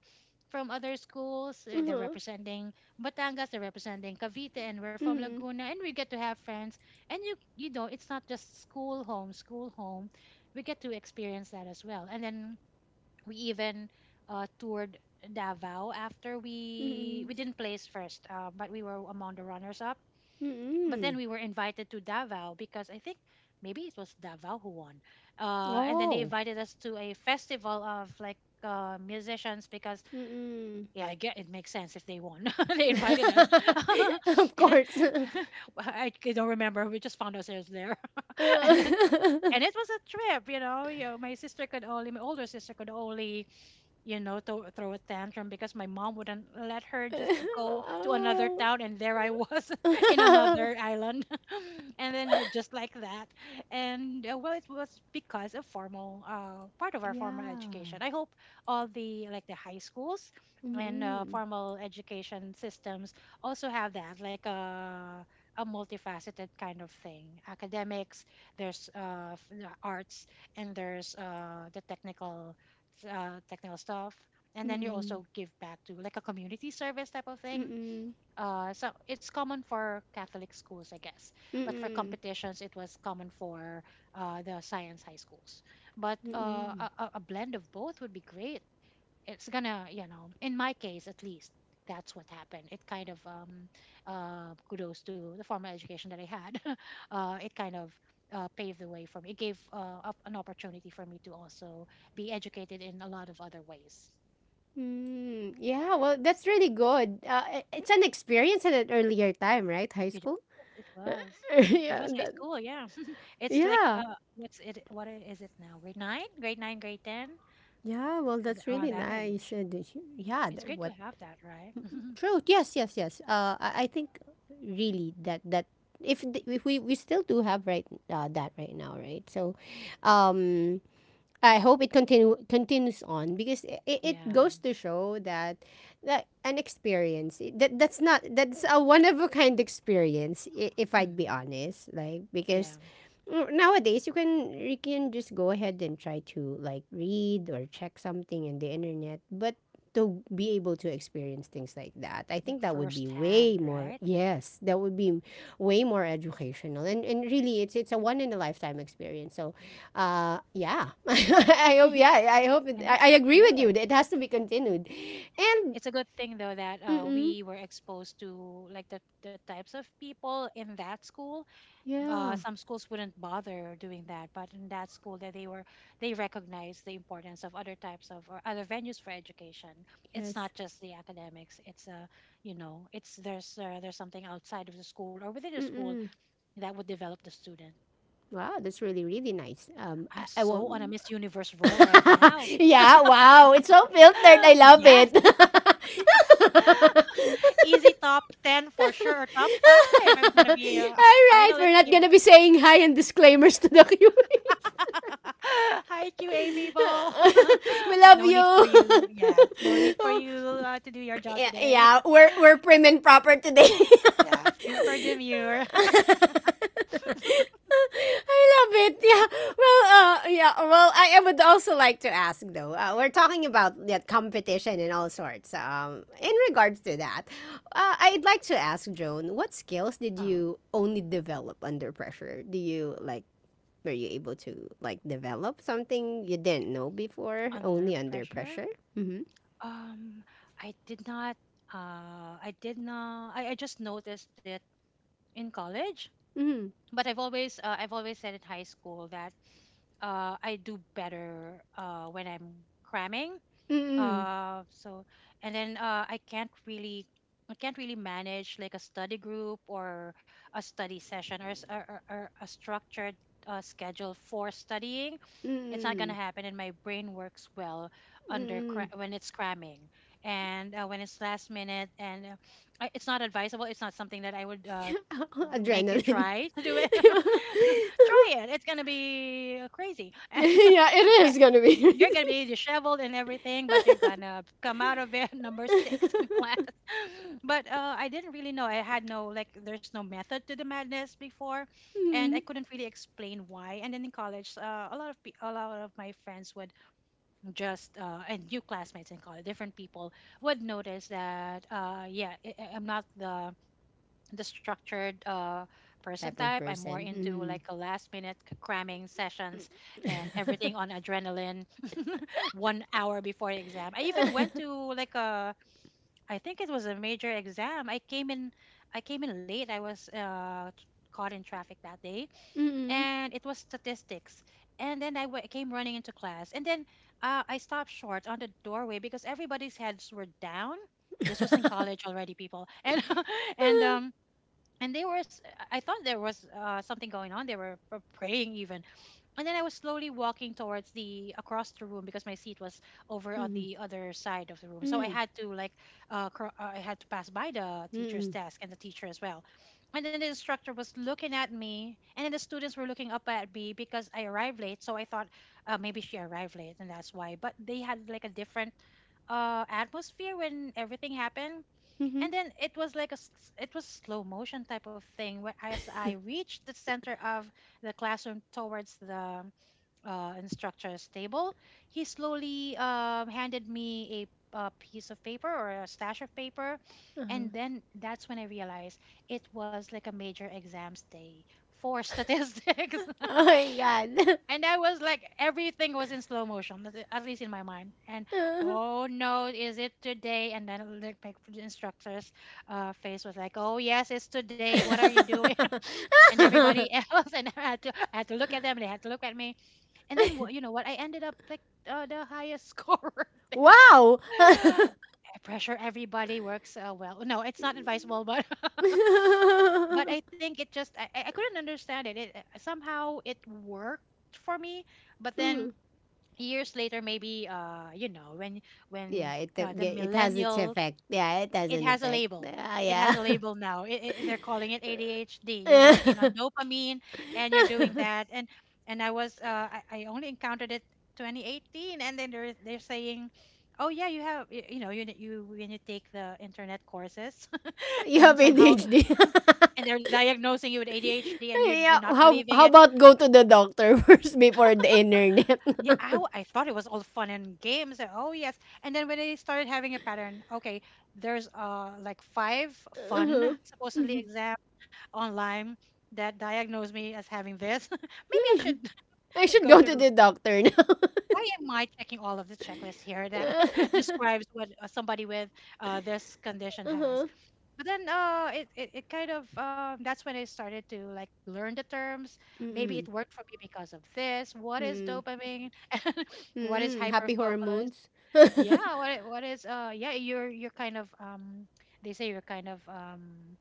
Speaker 2: from other schools. They're
Speaker 1: Uh-huh.
Speaker 2: representing Batangas, they're representing Cavite, and we're from
Speaker 1: Mm-hmm.
Speaker 2: Laguna, and we get to have friends. And you know, it's not just school home, school home. We get to experience that as well. And then we even toured Davao after
Speaker 1: Mm-hmm.
Speaker 2: we didn't place first, but we were among the runners up. But
Speaker 1: Mm-hmm.
Speaker 2: then we were invited to Davao because I think maybe it was Davao who won. And then they
Speaker 1: Oh.
Speaker 2: invited us to a festival of like musicians, because
Speaker 1: Mm-mm.
Speaker 2: yeah, I get it, makes sense if they won. They invited us.
Speaker 1: Of course.
Speaker 2: Well, don't remember. We just found ourselves there, and then-
Speaker 1: Uh,
Speaker 2: and it was a trip. You know, my older sister could only, you know, to throw a tantrum because my mom wouldn't let her just go to another
Speaker 1: oh.
Speaker 2: town, and there I was in another island, and then just like that. And well, it was because of formal, part of our formal
Speaker 1: Yeah.
Speaker 2: education. I hope all the the high schools and
Speaker 1: Mm-mm.
Speaker 2: formal education systems also have that, like a multifaceted kind of thing. Academics, there's the arts, and there's the technical technical stuff. And then you
Speaker 1: Mm-mm.
Speaker 2: also give back to like a community service type of thing,
Speaker 1: Mm-mm.
Speaker 2: so it's common for catholic schools, I guess. But for
Speaker 1: Mm-mm.
Speaker 2: competitions it was common for the science high schools. But
Speaker 1: Mm-mm.
Speaker 2: a blend of both would be great. It's gonna, you know, in my case at least, that's what happened. It kind of kudos to the formal education that I had. Uh, it kind of paved the way for me. It gave up an opportunity for me to also be educated in a lot of other ways.
Speaker 1: Mm. Yeah, well, that's really good. It's an experience at an earlier time, right? High
Speaker 2: You
Speaker 1: school?
Speaker 2: know, it was, it was
Speaker 1: yeah,
Speaker 2: high
Speaker 1: that,
Speaker 2: school, yeah. It's like
Speaker 1: Yeah.
Speaker 2: uh, what's it what I- is it now grade 9, grade 9, grade 10,
Speaker 1: Yeah. Well, that's
Speaker 2: around
Speaker 1: really
Speaker 2: that
Speaker 1: nice.
Speaker 2: age?
Speaker 1: And it's- yeah.
Speaker 2: It's
Speaker 1: th-
Speaker 2: great to
Speaker 1: What?
Speaker 2: have that, right?
Speaker 1: True. Yes. Yes. Yes. I think really that if we still do have right that right now, right? So, um, I hope it continues on because it goes
Speaker 2: Yeah.
Speaker 1: to show that an experience that that's not that's a one of a kind experience if I'd be
Speaker 2: Hmm.
Speaker 1: honest, like because
Speaker 2: Yeah.
Speaker 1: nowadays you can just go ahead and try to like read or check something in the internet. But to be able to experience things like that, I think
Speaker 2: Like
Speaker 1: that would be way
Speaker 2: firsthand,
Speaker 1: more,
Speaker 2: right.
Speaker 1: yes, that would be way more educational, and really it's a one in a lifetime experience. So yeah. I hope. Yeah, I hope. It,
Speaker 2: And
Speaker 1: I, I
Speaker 2: it's,
Speaker 1: agree with you.
Speaker 2: yeah,
Speaker 1: It has to be continued. And
Speaker 2: it's a good thing though that
Speaker 1: mm-mm,
Speaker 2: we were exposed to like the types of people in that school.
Speaker 1: yeah,
Speaker 2: Some schools wouldn't bother doing that, but in that school that they were, they recognized the importance of other types of or other venues for education. It's
Speaker 1: yes.
Speaker 2: not just the academics. It's there's something outside of the school or within the school
Speaker 1: Mm-mm.
Speaker 2: that would develop the student.
Speaker 1: Wow, that's really really nice. Um, I,
Speaker 2: I'm
Speaker 1: I
Speaker 2: so on a
Speaker 1: won't.
Speaker 2: Miss Universe roll right now.
Speaker 1: yeah. Wow, it's so filtered. I love
Speaker 2: Yes.
Speaker 1: it.
Speaker 2: Easy top 10 for sure, or top 5. I'm going to
Speaker 1: All
Speaker 2: be a
Speaker 1: right,
Speaker 2: finalist
Speaker 1: we're not
Speaker 2: here.
Speaker 1: gonna be saying hi and disclaimers to the QA.
Speaker 2: Hi, QA people.
Speaker 1: we love
Speaker 2: No need for
Speaker 1: you.
Speaker 2: you. Yes, no need for you to do your job
Speaker 1: Yeah,
Speaker 2: today.
Speaker 1: yeah, we're prim and proper today.
Speaker 2: Yeah, super demure.
Speaker 1: I love it. Yeah. Well, yeah. Well, I would also like to ask though. We're talking about that competition and all sorts. In regards to that, I'd like to ask Joan, what skills did
Speaker 2: um,
Speaker 1: you only develop under pressure? Do you like? Were you able to like develop something you didn't know before
Speaker 2: Under
Speaker 1: only under
Speaker 2: pressure.
Speaker 1: pressure? Mm-hmm.
Speaker 2: Um, I did not. I did not. I just noticed it in college,
Speaker 1: Mm-hmm.
Speaker 2: but I've always said in high school that I do better when I'm cramming.
Speaker 1: Mm-mm.
Speaker 2: So and then i can't really manage like a study group or a study session, or, s- or a structured schedule for studying. It's not going to
Speaker 1: Mm-mm.
Speaker 2: happen. And my brain works well under
Speaker 1: Mm,
Speaker 2: when it's cramming, and when it's last minute. And I- it's not advisable. It's not something that I would make you
Speaker 1: adrenaline.
Speaker 2: try to do it. Try it, it's going to be crazy.
Speaker 1: yeah, it
Speaker 2: And
Speaker 1: is gonna be.
Speaker 2: you're gonna be disheveled and everything, but you're gonna come out of it number six in class. But I didn't really know. I had no like, there's no method to the madness before, and I
Speaker 1: Mm.
Speaker 2: couldn't really explain why. And then in college, a lot of my friends would just and new classmates in college, different people would notice that yeah, I'm not the, the structured person
Speaker 1: Type of
Speaker 2: type. I'm more
Speaker 1: person.
Speaker 2: into
Speaker 1: Mm.
Speaker 2: like a last minute cramming sessions, and everything on adrenaline 1 hour before the exam. I even went to like a, I think it was a major exam. I came in late. I was caught in traffic that day,
Speaker 1: Mm.
Speaker 2: and it was statistics. And then I came running into class. And then I stopped short on the doorway because everybody's heads were down. This was in college already, people. And and um, and they were I thought there was something going on. They were praying even. And then I was slowly walking towards the across the room because my seat was over on
Speaker 1: Mm.
Speaker 2: the other side of the room. So I
Speaker 1: Mm.
Speaker 2: had to like, I had to pass by the teacher's
Speaker 1: Mm.
Speaker 2: desk and the teacher as well. And then the instructor was looking at me, and then the students were looking up at me because I arrived late. So I thought maybe she arrived late, and that's why. But they had like a different atmosphere when everything happened.
Speaker 1: Mhm.
Speaker 2: And then it was like a it was slow motion type of thing. Where as I reached the center of the classroom towards the and structure stable. He slowly handed me a piece of paper or a stash of paper,
Speaker 1: Uh-huh.
Speaker 2: and then that's when I realized it was like a major exams day for statistics.
Speaker 1: Oh my god.
Speaker 2: And I was like, everything was in slow motion, at least in my mind. And oh no, is it today? And then like my instructor's face was like, oh yes, it's today. What are you doing? And everybody
Speaker 1: Uh-huh.
Speaker 2: else, and I had to look at them. They had to look at me. And then what, you know what, I ended up like the highest scorer there.
Speaker 1: wow.
Speaker 2: Pressure, everybody works well. No, it's not advisable, but but I think it just I couldn't understand it. Somehow it worked for me, but then
Speaker 1: Mm.
Speaker 2: years later, maybe when
Speaker 1: Yeah, it
Speaker 2: the
Speaker 1: it has its
Speaker 2: millennial
Speaker 1: effect. Yeah, it has
Speaker 2: it
Speaker 1: an
Speaker 2: has a
Speaker 1: effect.
Speaker 2: label.
Speaker 1: Yeah,
Speaker 2: It has
Speaker 1: yeah.
Speaker 2: a label now. They're calling it ADHD. You're working on dopamine and you're doing that. And I was I only encountered it 2018, and then they're saying, oh yeah, you have y- you know you you when you take the internet courses,
Speaker 1: you have
Speaker 2: and somehow
Speaker 1: ADHD. yeah,
Speaker 2: and they're diagnosing you with ADHD and you're not
Speaker 1: how
Speaker 2: believing it.
Speaker 1: about go to the doctor first before the internet?
Speaker 2: Yeah, I thought it was all fun and games. Oh yes, and then when they started having a pattern, okay, there's like five fun
Speaker 1: Uh-huh.
Speaker 2: supposedly exam online that diagnosed me as having this. Maybe I should
Speaker 1: I should
Speaker 2: go
Speaker 1: go
Speaker 2: to
Speaker 1: to
Speaker 2: the.
Speaker 1: the doctor now.
Speaker 2: Why am I checking all of the checklists here that describes what somebody with this condition has?
Speaker 1: uh-huh.
Speaker 2: But then it kind of that's when I started to like learn the terms. Maybe it
Speaker 1: Mm-mm.
Speaker 2: worked for me because of this. What is
Speaker 1: Mm-mm.
Speaker 2: dopamine? What is
Speaker 1: Mm-mm. Happy
Speaker 2: hyperfocus?
Speaker 1: hormones. Mm-mm.
Speaker 2: Yeah, what is you're kind of they say you're you kind of um.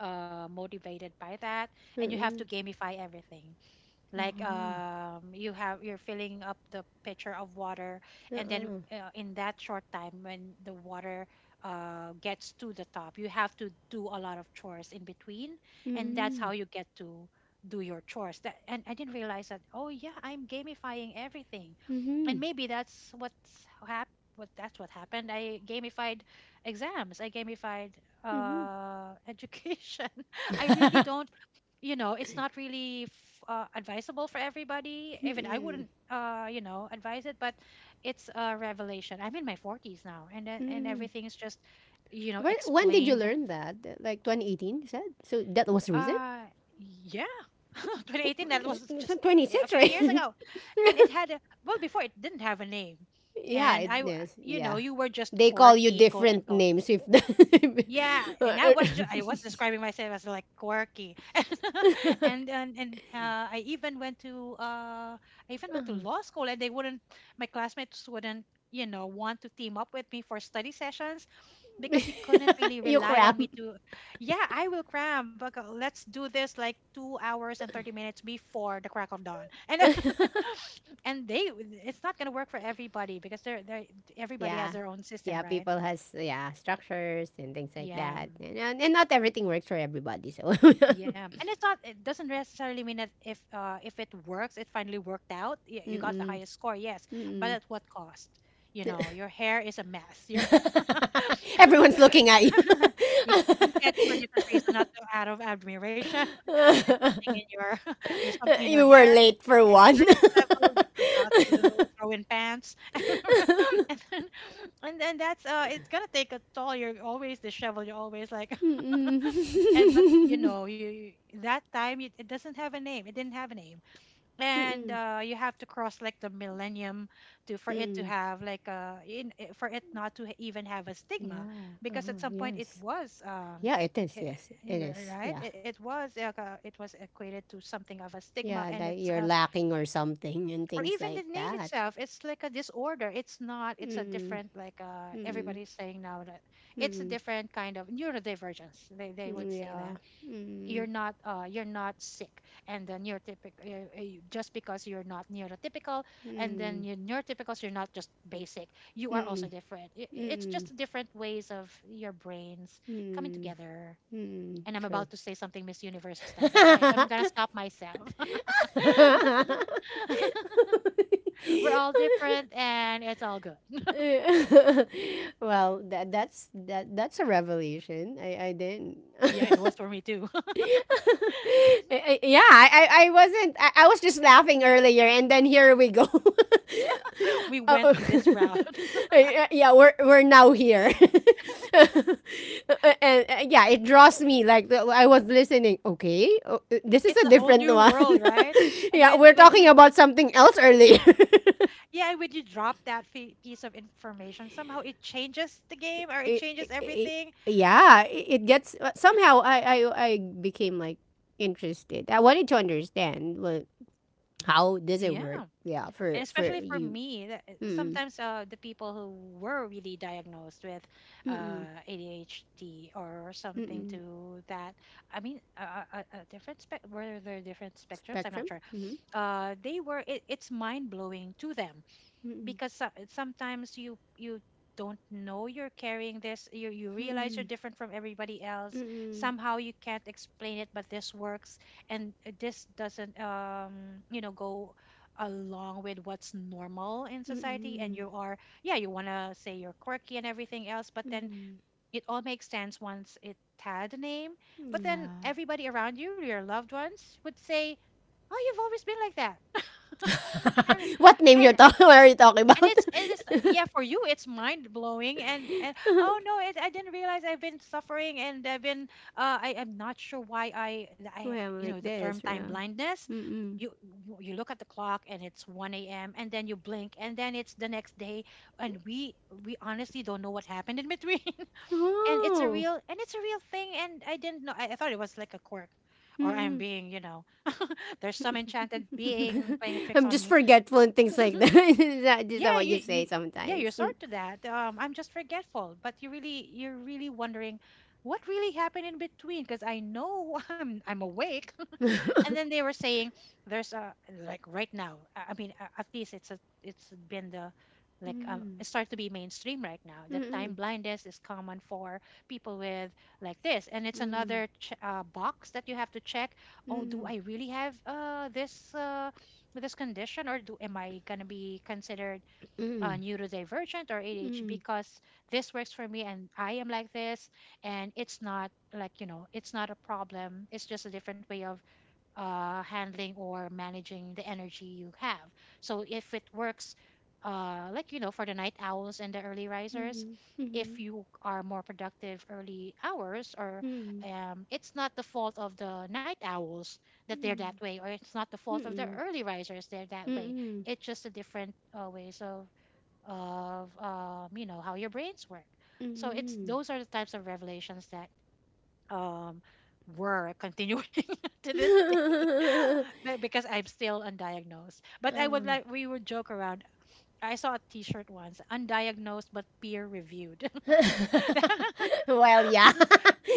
Speaker 2: Uh. motivated by that, and you have to gamify everything like
Speaker 1: Uh-huh.
Speaker 2: you have you're filling up the pitcher of water, and then
Speaker 1: Uh-uh.
Speaker 2: in that short time when the water gets to the top, you have to do a lot of chores in between, and that's how
Speaker 1: Mm-mm.
Speaker 2: you get to do your chores that, and I didn't realize that. Oh yeah, I'm gamifying everything,
Speaker 1: Mm-hmm.
Speaker 2: and maybe that's what happened. I gamified exams, I gamified
Speaker 1: Mm-hmm.
Speaker 2: education. I really don't, you know, it's not really advisable for everybody. Even I
Speaker 1: Mm-mm.
Speaker 2: wouldn't, advise it, but it's a revelation. I'm in my 40s now and
Speaker 1: Mm-mm.
Speaker 2: everything is just, you know,
Speaker 1: Where, when did you
Speaker 2: explained.
Speaker 1: learn that? Like 2018, you said? So that was the reason?
Speaker 2: uh yeah. 2018, that was just, yeah, a
Speaker 1: 26,
Speaker 2: few years
Speaker 1: right?
Speaker 2: ago, and it had a, well, before it didn't have a name,
Speaker 1: Yeah,
Speaker 2: and
Speaker 1: it
Speaker 2: i w-
Speaker 1: is.
Speaker 2: you
Speaker 1: Yeah.
Speaker 2: know, you were just
Speaker 1: They call you
Speaker 2: quirky, quote
Speaker 1: different
Speaker 2: unquote.
Speaker 1: names if the
Speaker 2: Yeah, and I was describing myself as like quirky. And I even went to I even went to law school, and they wouldn't, my classmates wouldn't, you know, want to team up with me for study sessions because you couldn't really
Speaker 1: you
Speaker 2: rely on
Speaker 1: cram.
Speaker 2: me to. Yeah, I will cram, but let's do this like 2 hours and 30 minutes before the crack of dawn, and and they it's not gonna work for everybody, because they're they everybody has
Speaker 1: Yeah.
Speaker 2: their own system,
Speaker 1: Yeah,
Speaker 2: right?
Speaker 1: people has, yeah, structures and things like
Speaker 2: Yeah.
Speaker 1: that. And not everything works for everybody, so.
Speaker 2: Yeah, and it's not. It doesn't necessarily mean that if it works, it finally worked out. Yeah, you got the
Speaker 1: Mm-mm.
Speaker 2: highest score, yes, but
Speaker 1: Mm-mm.
Speaker 2: at what cost? You know, your hair is a mess. Your
Speaker 1: Everyone's looking at you.
Speaker 2: yeah, you can't do for different reasons, not so out of admiration. There's something in your there's something in your
Speaker 1: You
Speaker 2: hair,
Speaker 1: were late for
Speaker 2: and
Speaker 1: one.
Speaker 2: you're disheveled. You forgot to throw in pants, and then and then that's it's gonna take a toll. You're always disheveled. You're always like, and but you
Speaker 1: Mm-mm.
Speaker 2: know that time, it doesn't have a name, it didn't have a name, and
Speaker 1: Mm,
Speaker 2: you have to cross like the millennium to, for it to
Speaker 1: mm.
Speaker 2: have like for it not to even have a stigma,
Speaker 1: Yeah,
Speaker 2: because
Speaker 1: uh-huh,
Speaker 2: at some point it
Speaker 1: yes.
Speaker 2: was
Speaker 1: Yeah, it is,
Speaker 2: eh,
Speaker 1: yes.
Speaker 2: eh,
Speaker 1: It
Speaker 2: you're
Speaker 1: is,
Speaker 2: right,
Speaker 1: yeah.
Speaker 2: it was like, it was equated to something of a stigma,
Speaker 1: Yeah,
Speaker 2: and
Speaker 1: that
Speaker 2: it's
Speaker 1: you're lacking or something and
Speaker 2: or
Speaker 1: things
Speaker 2: even the
Speaker 1: like
Speaker 2: name
Speaker 1: that.
Speaker 2: itself, it's like a disorder. It's not, it's a
Speaker 1: Mm,
Speaker 2: different, like
Speaker 1: mm,
Speaker 2: everybody's saying now that it's a
Speaker 1: mm,
Speaker 2: different kind of neurodivergence, they would
Speaker 1: mm,
Speaker 2: say that
Speaker 1: yeah. Mm,
Speaker 2: you're not sick, and the just because you're not neurotypical, and
Speaker 1: mm,
Speaker 2: then you neurotypicals, you're not just basic, you are
Speaker 1: mm,
Speaker 2: also different. It's
Speaker 1: mm,
Speaker 2: just different ways of your brains coming
Speaker 1: mm,
Speaker 2: together,
Speaker 1: mm,
Speaker 2: and I'm
Speaker 1: true.
Speaker 2: about to say something Miss Universe style, but I'm gonna stop myself. We're all different and it's all good.
Speaker 1: well, that's a revelation. I didn't.
Speaker 2: Yeah, it was for me too.
Speaker 1: Yeah, I wasn't. I was just laughing earlier, and then here we go.
Speaker 2: We
Speaker 1: Uh,
Speaker 2: went
Speaker 1: uh,
Speaker 2: to this route.
Speaker 1: yeah, yeah, we're now here, and yeah, it draws me. I was listening. Okay, oh, this is
Speaker 2: It's
Speaker 1: a
Speaker 2: a whole
Speaker 1: different
Speaker 2: new
Speaker 1: one.
Speaker 2: world, right? and
Speaker 1: yeah,
Speaker 2: when
Speaker 1: we're
Speaker 2: when
Speaker 1: talking
Speaker 2: you
Speaker 1: about something else earlier.
Speaker 2: yeah, and when you drop that piece of information, somehow it changes the game or it
Speaker 1: I- I-
Speaker 2: changes
Speaker 1: I-
Speaker 2: everything.
Speaker 1: yeah, it gets somehow. I became like interested. I wanted to understand what How does it work?
Speaker 2: Yeah.
Speaker 1: Yeah, for
Speaker 2: And especially for
Speaker 1: you.
Speaker 2: me, that
Speaker 1: Mm
Speaker 2: sometimes the people who were really diagnosed with
Speaker 1: mm mm
Speaker 2: ADHD or
Speaker 1: mm
Speaker 2: something
Speaker 1: mm.
Speaker 2: to that, I mean a different spec were there different spectrums, I'm not
Speaker 1: spectrum.
Speaker 2: sure,
Speaker 1: Mm
Speaker 2: they were, it's mind-blowing to them,
Speaker 1: mm
Speaker 2: because sometimes you don't know you're carrying this. You realize you're
Speaker 1: mm
Speaker 2: different from everybody else.
Speaker 1: mm
Speaker 2: Somehow you can't explain it, but this works, and this doesn't, you know, go along with what's normal in
Speaker 1: mm
Speaker 2: society, and
Speaker 1: mm
Speaker 2: you are, yeah, you want to say you're quirky and everything else, but then
Speaker 1: mm.
Speaker 2: it all makes sense once it had a name. But then
Speaker 1: yeah.
Speaker 2: everybody around you, your loved ones, would say, oh, you've always been like that. and,
Speaker 1: what name you're
Speaker 2: and
Speaker 1: talking? What are you talking
Speaker 2: and
Speaker 1: about?
Speaker 2: it's it is yeah for you it's mind blowing, and oh no, I didn't realize I've been suffering and I've been I am not sure why I
Speaker 1: Why I'm
Speaker 2: you know
Speaker 1: like
Speaker 2: the term
Speaker 1: this?
Speaker 2: time
Speaker 1: Yeah.
Speaker 2: blindness.
Speaker 1: Mm mm.
Speaker 2: you you look at the clock and it's 1 a.m., and then you blink and then it's the next day, and we honestly don't know what happened in between. And it's a
Speaker 1: Oh.
Speaker 2: real, and it's a real thing, and I didn't know. I thought it was like a quirk,
Speaker 1: Mm
Speaker 2: or I'm
Speaker 1: mm.
Speaker 2: being, you know, there's some enchanted being playing tricks
Speaker 1: I'm
Speaker 2: on
Speaker 1: just
Speaker 2: me.
Speaker 1: forgetful and things like that. is that. Is that
Speaker 2: yeah
Speaker 1: what
Speaker 2: you
Speaker 1: you say
Speaker 2: you yeah, you're
Speaker 1: sometimes?
Speaker 2: sort
Speaker 1: Mm.
Speaker 2: to that, I'm just forgetful, but you really, you're really wondering what really happened in between, because I know I'm awake. And then they were saying there's a, like right now, I mean, at least it's a, it's been the, like
Speaker 1: Mm
Speaker 2: it starts to be mainstream right now,
Speaker 1: mm
Speaker 2: that time
Speaker 1: mm
Speaker 2: blindness is common for people with like this, and it's
Speaker 1: mm
Speaker 2: another box that you have to check.
Speaker 1: mm
Speaker 2: Oh, do I
Speaker 1: mm
Speaker 2: really have this this condition, or do am I going to be considered
Speaker 1: mm
Speaker 2: neurodivergent or ADHD,
Speaker 1: Mm,
Speaker 2: because this works for me and I am like this. And it's not like, you know, it's not a problem, it's just a different way of handling or managing the energy you have. So if it works, like, you know, for the night owls and the early risers,
Speaker 1: mhm,
Speaker 2: if
Speaker 1: mhm,
Speaker 2: you are more productive early hours or
Speaker 1: mm,
Speaker 2: it's not the fault of the night owls that they're that
Speaker 1: mm,
Speaker 2: way, or it's not the fault of the
Speaker 1: mm-mm,
Speaker 2: early risers they're that way.
Speaker 1: mm-mm,
Speaker 2: It's just a different ways of you know, how your brains work. So it's,
Speaker 1: mm.
Speaker 2: those are the types of revelations that um, were continuing to this day.
Speaker 1: mm.
Speaker 2: Because I'm still undiagnosed, but I would
Speaker 1: Uh.
Speaker 2: like, we would joke around. I saw a t-shirt once, undiagnosed but peer reviewed.
Speaker 1: Well, yeah.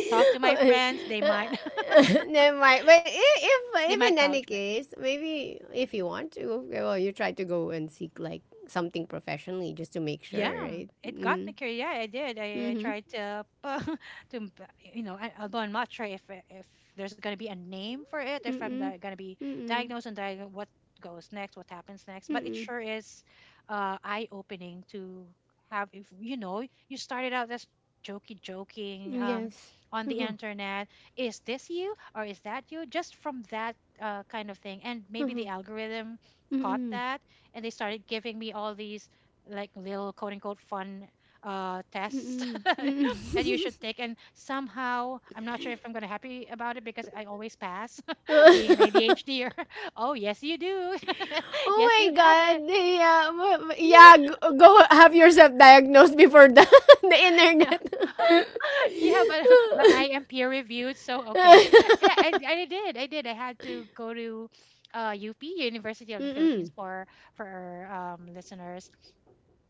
Speaker 2: Talk to my
Speaker 1: Uh,
Speaker 2: friends, they might
Speaker 1: Never mind. But
Speaker 2: they
Speaker 1: if in
Speaker 2: might
Speaker 1: any
Speaker 2: vouch for it.
Speaker 1: case, maybe if you want to, okay, well, you try to go and seek like something professionally just to make
Speaker 2: Yeah,
Speaker 1: sure, right?
Speaker 2: it got
Speaker 1: Mm-hmm.
Speaker 2: me curious. Yeah, I did. I
Speaker 1: Mm-hmm.
Speaker 2: tried to to you know, I, although I'm not sure if there's gonna be a name for it, if
Speaker 1: Mm-mm.
Speaker 2: gonna be
Speaker 1: Mm-mm.
Speaker 2: diagnosed, and diag what goes next, what happens next. But it
Speaker 1: Mm-mm.
Speaker 2: sure is eye-opening to have, if you know, you started out as jokey joking
Speaker 1: Yes.
Speaker 2: on the
Speaker 1: Uh-huh.
Speaker 2: internet. Is this you or is that you? Just from that kind of thing, and maybe
Speaker 1: Uh-huh.
Speaker 2: the algorithm caught
Speaker 1: Mm-mm.
Speaker 2: that, and they started giving me all these like little quote unquote fun tests
Speaker 1: Mm, mm.
Speaker 2: that you should take, and somehow I'm not sure if I'm gonna happy about it, because I always pass being an ADHD. Oh yes, you do. Yes, you
Speaker 1: oh my
Speaker 2: have
Speaker 1: God.
Speaker 2: it.
Speaker 1: Yeah, yeah
Speaker 2: Yeah.
Speaker 1: go, have yourself diagnosed before the, the
Speaker 2: No.
Speaker 1: internet.
Speaker 2: Yeah, but but I am peer reviewed, so okay. And I did I did I had to go to UP, University of the Philippines,
Speaker 1: Mm-mm.
Speaker 2: for listeners,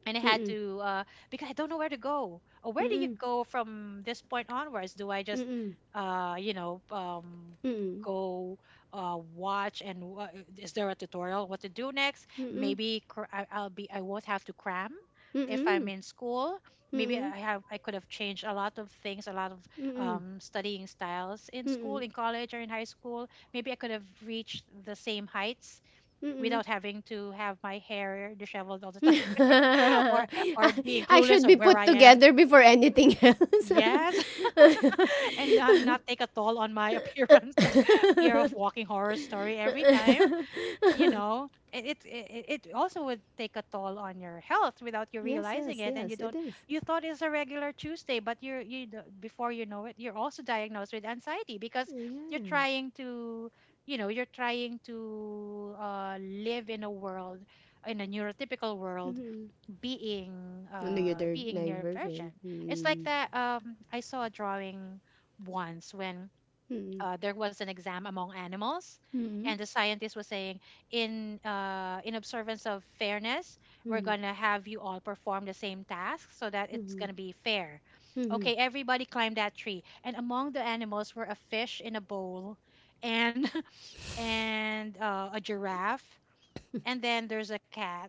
Speaker 2: and I had
Speaker 1: Mm-mm.
Speaker 2: to, because I don't know where to go. Or where do you
Speaker 1: Mm-mm.
Speaker 2: go from this point onwards? Do I just,
Speaker 1: Mm-mm.
Speaker 2: you know, go, watch, and is there a tutorial what to do next?
Speaker 1: Mm-mm. Mm-mm. Mm-mm.
Speaker 2: Maybe I'll be, I won't have to cram if I'm
Speaker 1: Mm-mm.
Speaker 2: in school. Maybe I have, I could have changed a lot of things, a lot of
Speaker 1: Mm-mm.
Speaker 2: studying styles in school,
Speaker 1: Mm-mm.
Speaker 2: in college, or in high school. Maybe I could have reached the same heights
Speaker 1: Mm-mm.
Speaker 2: without having to have my hair disheveled all the time or
Speaker 1: I
Speaker 2: being
Speaker 1: I should
Speaker 2: clueless or
Speaker 1: be
Speaker 2: where
Speaker 1: put
Speaker 2: I am.
Speaker 1: together before anything else.
Speaker 2: Yes, and not take a toll on my appearance or fear of walking horror story every time. You know, it also would take a toll on your health without you
Speaker 1: yes,
Speaker 2: realizing
Speaker 1: yes,
Speaker 2: it, and you
Speaker 1: yes,
Speaker 2: don't
Speaker 1: it is.
Speaker 2: you thought it's a regular Tuesday, but before you know it, you're also diagnosed with anxiety because you're
Speaker 1: Yeah.
Speaker 2: trying to you're trying to live in a world, in a neurotypical world,
Speaker 1: Mm-hmm.
Speaker 2: being
Speaker 1: The other
Speaker 2: being near virgin.
Speaker 1: diversion.
Speaker 2: It's like
Speaker 1: Mm-hmm.
Speaker 2: that, I saw a drawing once when
Speaker 1: Mm-hmm.
Speaker 2: there was an exam among animals,
Speaker 1: Mm-hmm.
Speaker 2: and the scientist was saying, in observance of fairness, we're
Speaker 1: Mm-hmm.
Speaker 2: gonna have you all perform the same task so that it's
Speaker 1: Mm-hmm.
Speaker 2: gonna be fair.
Speaker 1: Mm-hmm.
Speaker 2: Okay, everybody climbed that tree, and among the animals were a fish in a bowl, and and a giraffe, and then there's a cat,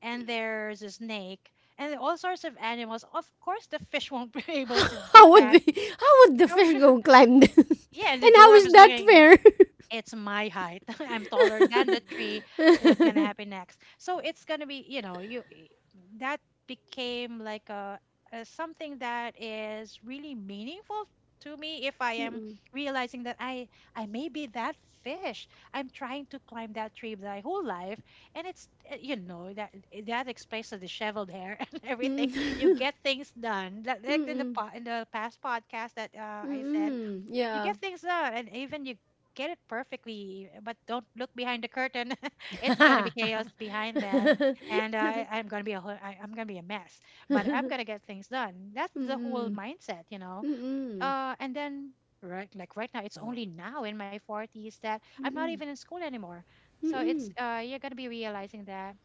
Speaker 2: and there's a snake, and all sorts of animals. Of course, the fish won't be able to
Speaker 1: How
Speaker 2: do
Speaker 1: would
Speaker 2: that.
Speaker 1: the how would the
Speaker 2: How-
Speaker 1: fish go climb?
Speaker 2: yeah, and the
Speaker 1: And how is
Speaker 2: giraffe is
Speaker 1: that
Speaker 2: looking,
Speaker 1: fair?
Speaker 2: it's my height. I'm taller than the tree. What's going to happen next? So it's going to be, you know, that became like a something that is really meaningful to me. If I am
Speaker 1: Mm-mm.
Speaker 2: realizing that I may be that fish, I'm trying to climb that tree my whole life. And it's you know, that that explains the disheveled hair and everything. You
Speaker 1: Mm-mm.
Speaker 2: get things done, like in the in the past podcast that
Speaker 1: Mm-mm.
Speaker 2: I said,
Speaker 1: Mm-mm.
Speaker 2: you
Speaker 1: Yeah.
Speaker 2: get things done and even you get it perfectly, but don't look behind the curtain. It's gonna be chaos
Speaker 1: Mm-mm.
Speaker 2: behind that. And I'm gonna be a mess, but I'm gonna get things done. That's the whole
Speaker 1: Mm-mm.
Speaker 2: mindset, you know.
Speaker 1: Mm-mm.
Speaker 2: And then right, like right now, it's only now in my 40s, that I'm not even in school anymore. So it's
Speaker 1: Mm-mm.
Speaker 2: you're going to be realizing that,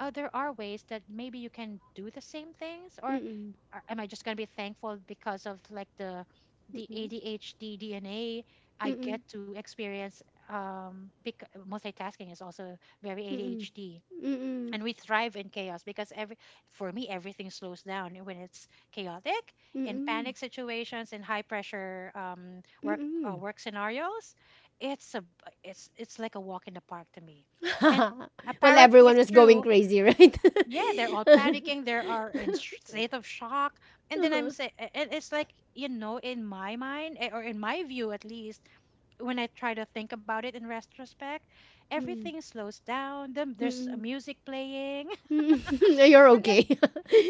Speaker 2: oh, there are ways that maybe you can do the same things, or
Speaker 1: Mm-mm.
Speaker 2: am I just going to be thankful because of like the
Speaker 1: Mm-mm.
Speaker 2: adhd dna I
Speaker 1: Mm-mm.
Speaker 2: get to experience. Because multitasking is also very
Speaker 1: Mm-mm.
Speaker 2: adhd,
Speaker 1: Mm-mm.
Speaker 2: and we thrive in chaos because every for me everything slows down when it's chaotic. In
Speaker 1: Mm-mm.
Speaker 2: panic situations, in high pressure work,
Speaker 1: Mm-mm.
Speaker 2: work scenarios, it's a it's like a walk in the park to me. And
Speaker 1: well,
Speaker 2: apparently
Speaker 1: everyone
Speaker 2: it's
Speaker 1: was going
Speaker 2: true.
Speaker 1: crazy, right?
Speaker 2: Yeah, they're all panicking, they are in state of shock, and then I'm
Speaker 1: Uh-huh.
Speaker 2: saying, and it's like, you know, in my mind, or in my view at least, when I try to think about it in retrospect,
Speaker 1: Mm.
Speaker 2: everything slows down, them there's
Speaker 1: Mm-mm.
Speaker 2: music playing.
Speaker 1: Mm-mm. You're
Speaker 2: And then
Speaker 1: okay.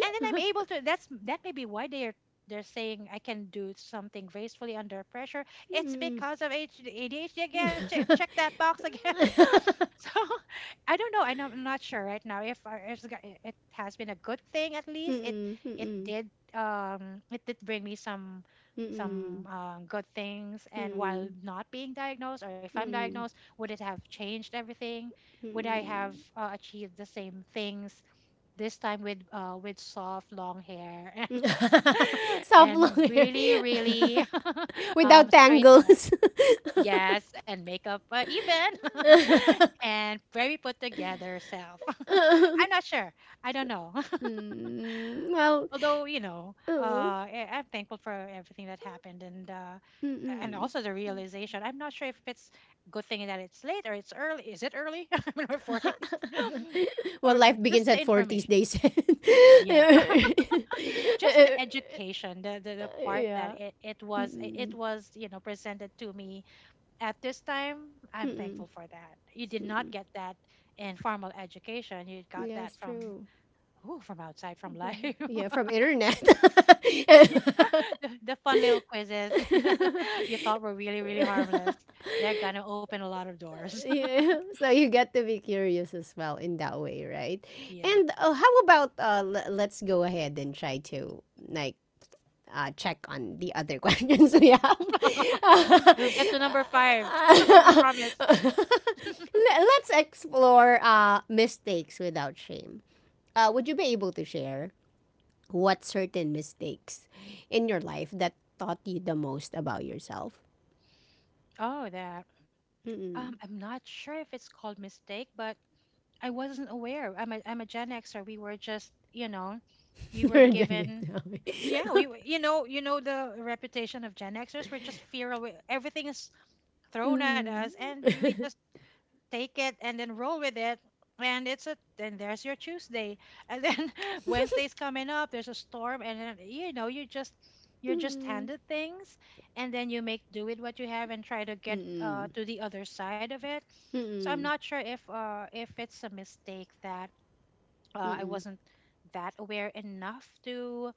Speaker 2: I'm able to, that may be why they're saying I can do something gracefully under pressure. It's
Speaker 1: Mm.
Speaker 2: because of ADHD again. Check, check that box again. So I don't know. I know, I'm not sure right now if if it it has been a good thing at least. It
Speaker 1: Mm-mm.
Speaker 2: it
Speaker 1: Mm-mm.
Speaker 2: did it did bring me some
Speaker 1: Mm-mm.
Speaker 2: good things. And while
Speaker 1: Mm-mm.
Speaker 2: not being diagnosed, or if I'm diagnosed,
Speaker 1: Mm-mm.
Speaker 2: would it have changed everything? Would I
Speaker 1: Mm-mm.
Speaker 2: have achieved the same things this time with soft long hair,
Speaker 1: Soft
Speaker 2: and
Speaker 1: long hair
Speaker 2: really, really
Speaker 1: without
Speaker 2: straighten up,
Speaker 1: tangles.
Speaker 2: yes, and makeup, even, and very put together self. I'm not sure, I don't know.
Speaker 1: mm, well,
Speaker 2: Although, you know,
Speaker 1: oh,
Speaker 2: uh I'm thankful for everything that happened. And and
Speaker 1: mm-mm.
Speaker 2: also the realization, I'm not sure if it's good thing that it's late, or it's early. Is it early when we're 40?
Speaker 1: well,
Speaker 2: Or
Speaker 1: life begins
Speaker 2: just the
Speaker 1: at forties,
Speaker 2: information,
Speaker 1: they said.
Speaker 2: yeah, just the education, the part that
Speaker 1: yeah.
Speaker 2: it was it
Speaker 1: Mm-mm.
Speaker 2: was, you know, presented to me at this time. I'm thankful
Speaker 1: Mm-mm.
Speaker 2: for that. You did not
Speaker 1: Mm-mm.
Speaker 2: get that in formal education, you got that
Speaker 1: Yes,
Speaker 2: from,
Speaker 1: true.
Speaker 2: ooh, from outside, from
Speaker 1: From,
Speaker 2: life.
Speaker 1: yeah, from internet.
Speaker 2: Yeah, the fun little quizzes that you thought were really, really harmless. They're gonna open a lot of doors.
Speaker 1: yeah. So you get to be curious as well in that way, right?
Speaker 2: Yeah,
Speaker 1: And how about let's go ahead and try to like check on the other questions we have.
Speaker 2: we'll get to number five. We
Speaker 1: Le-
Speaker 2: promise.
Speaker 1: Let's explore mistakes without shame. Would you be able to share what certain mistakes in your life that taught you the most about yourself?
Speaker 2: Oh, that.
Speaker 1: Mm-mm.
Speaker 2: I'm not sure if it's called mistake, but I wasn't aware. I'm a Gen Xer. We were just, you know, we were
Speaker 1: You're a Gen
Speaker 2: given, yeah, we were- you know the reputation of Gen Xers. We're just fear away. Everything is thrown at us,
Speaker 1: Mm-mm.
Speaker 2: and we just take it and then roll with it. And it's a, then there's your Tuesday. And then Wednesday's coming up, there's a storm, and then you know, you're just handed things, and then you make do with what you have and try to get
Speaker 1: Mm-mm.
Speaker 2: to the other side of it. So I'm
Speaker 1: Mm-mm.
Speaker 2: not sure if it's a mistake that I
Speaker 1: Mm-mm.
Speaker 2: wasn't that aware enough to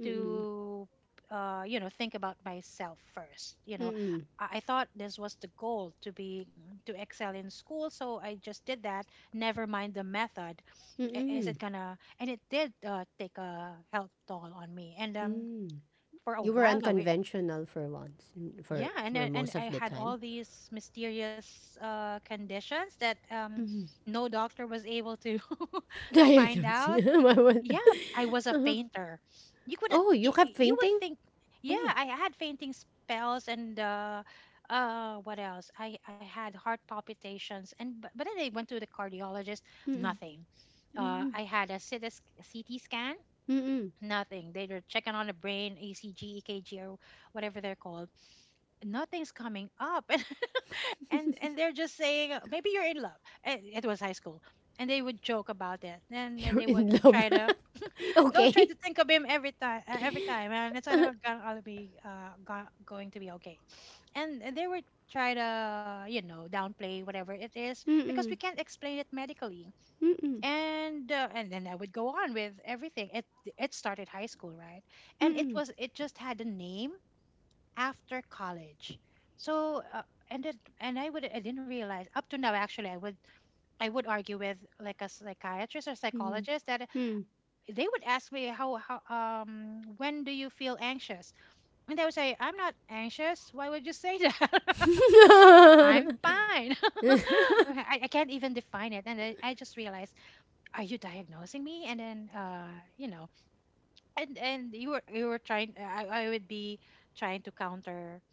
Speaker 1: Mm-mm. Mm-mm.
Speaker 2: to you know, think about myself first. You know,
Speaker 1: Mm-mm.
Speaker 2: I thought this was the goal, to be to excel in school, so I just did that. Never mind the method. Is
Speaker 1: Mm-mm.
Speaker 2: it gonna? And it did take a health toll on me. And
Speaker 1: Mm-mm.
Speaker 2: for a
Speaker 1: You were
Speaker 2: while now, we,
Speaker 1: unconventional for once, mm,
Speaker 2: yeah,
Speaker 1: for
Speaker 2: and and
Speaker 1: most
Speaker 2: I
Speaker 1: of the
Speaker 2: had all
Speaker 1: time.
Speaker 2: these mysterious conditions that
Speaker 1: Mm-hmm.
Speaker 2: no doctor was able to to find
Speaker 1: Diagnosis.
Speaker 2: out.
Speaker 1: My one.
Speaker 2: Yeah, I was a
Speaker 1: Uh-huh.
Speaker 2: fainter. You couldn't.
Speaker 1: Oh, you kept
Speaker 2: You would
Speaker 1: fainting?
Speaker 2: think. Yeah,
Speaker 1: Oh.
Speaker 2: I had fainting spells and what else? I had heart palpitations, and but then I went to the cardiologist.
Speaker 1: Mm-mm.
Speaker 2: Nothing.
Speaker 1: Mm-mm.
Speaker 2: I had a CT scan.
Speaker 1: Mm-mm.
Speaker 2: Nothing. They were checking on the brain, ECG, EKG, or whatever they're called. Nothing's coming up. And they're just saying, maybe you're in love." And it was high school, and they would joke about it, and then
Speaker 1: You're
Speaker 2: they
Speaker 1: in
Speaker 2: would
Speaker 1: love.
Speaker 2: try to, don't try
Speaker 1: okay.
Speaker 2: to think of him every time, and it's not gonna be going to be okay. And they were try to, you know, downplay whatever it is because we
Speaker 1: Mm-mm.
Speaker 2: can't explain it medically.
Speaker 1: Mm-mm.
Speaker 2: And and then I would go on with everything. It started high school, right? And it
Speaker 1: Mm-mm.
Speaker 2: was, it just had a name after college. So and and I didn't realize up to now, actually. I would argue with like a psychiatrist or
Speaker 1: Mm-mm.
Speaker 2: psychologist, that
Speaker 1: Mm.
Speaker 2: they would ask me, how, when do you feel anxious? And I would say, I'm not anxious, why would you say that? I'm
Speaker 1: Mhm.
Speaker 2: fine. I can't even define it. And then I just realized, are you diagnosing me? And then you know, and you were, I would be trying to counter,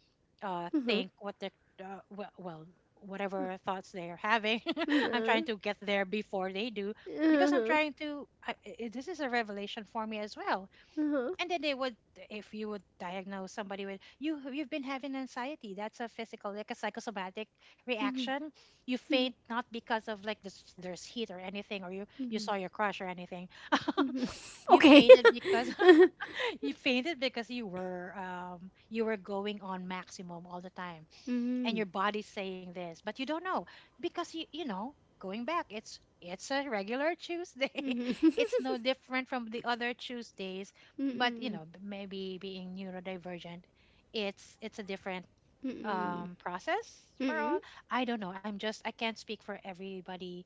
Speaker 1: Mhm.
Speaker 2: think what the well, whatever thoughts they are having.
Speaker 1: Mhm.
Speaker 2: I'm trying
Speaker 1: Mhm.
Speaker 2: to get there before they do,
Speaker 1: Uh
Speaker 2: because I'm
Speaker 1: huh.
Speaker 2: trying to I- this is a revelation for me as well.
Speaker 1: Uh huh.
Speaker 2: And then they would, if you would diagnose somebody with, you you've been having anxiety, that's a physical, like a psychosomatic
Speaker 1: Mhm.
Speaker 2: reaction. You faint, not because of like this, there's heat or anything, or you
Speaker 1: Mhm.
Speaker 2: saw your crush or anything. You
Speaker 1: Okay.
Speaker 2: fainted because you fainted because you were, you were going on maximum all the time, and
Speaker 1: Mhm.
Speaker 2: your body's saying this but you don't know, because you know, going back, it's a regular Tuesday.
Speaker 1: Mhm.
Speaker 2: It's no different from the other Tuesdays. But you
Speaker 1: Mhm.
Speaker 2: know, maybe being neurodivergent, it's a different
Speaker 1: Mm-mm.
Speaker 2: process for
Speaker 1: Mm-mm.
Speaker 2: all. I don't know, I can't speak for everybody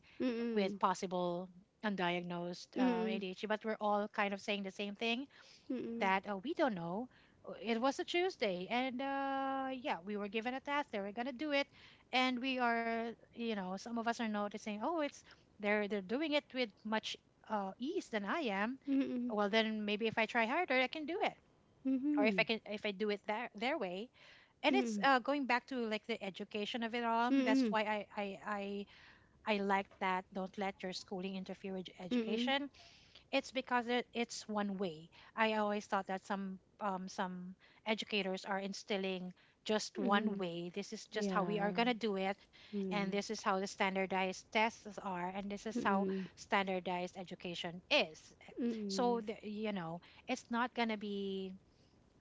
Speaker 2: with
Speaker 1: Mm-mm.
Speaker 2: possible undiagnosed adhd, but we're all kind of saying the same thing,
Speaker 1: Mm-mm.
Speaker 2: that we don't know. It was a Tuesday, and yeah, we were given a task. They were gonna do it, and we are, you know, some of us are noticing, oh, it's they're doing it with much ease than I am.
Speaker 1: Mm-mm.
Speaker 2: Well, then maybe if I try harder, I can do it, or if I
Speaker 1: Mm-mm.
Speaker 2: can, if I do it their way. And it's
Speaker 1: Mm-mm.
Speaker 2: going back to like the education of it all.
Speaker 1: Mm-mm.
Speaker 2: That's
Speaker 1: Mm-mm.
Speaker 2: why I like that. Don't let your schooling interfere with your
Speaker 1: Mm-mm.
Speaker 2: education. It's because it's one way. I always thought that some educators are instilling just one
Speaker 1: Mm-mm.
Speaker 2: way. This is just how we are
Speaker 1: Yeah.
Speaker 2: gonna do it, and
Speaker 1: Mm.
Speaker 2: this is how the standardized tests are, and this is how
Speaker 1: Mm-mm.
Speaker 2: standardized education is.
Speaker 1: Mm-mm.
Speaker 2: So it's not gonna be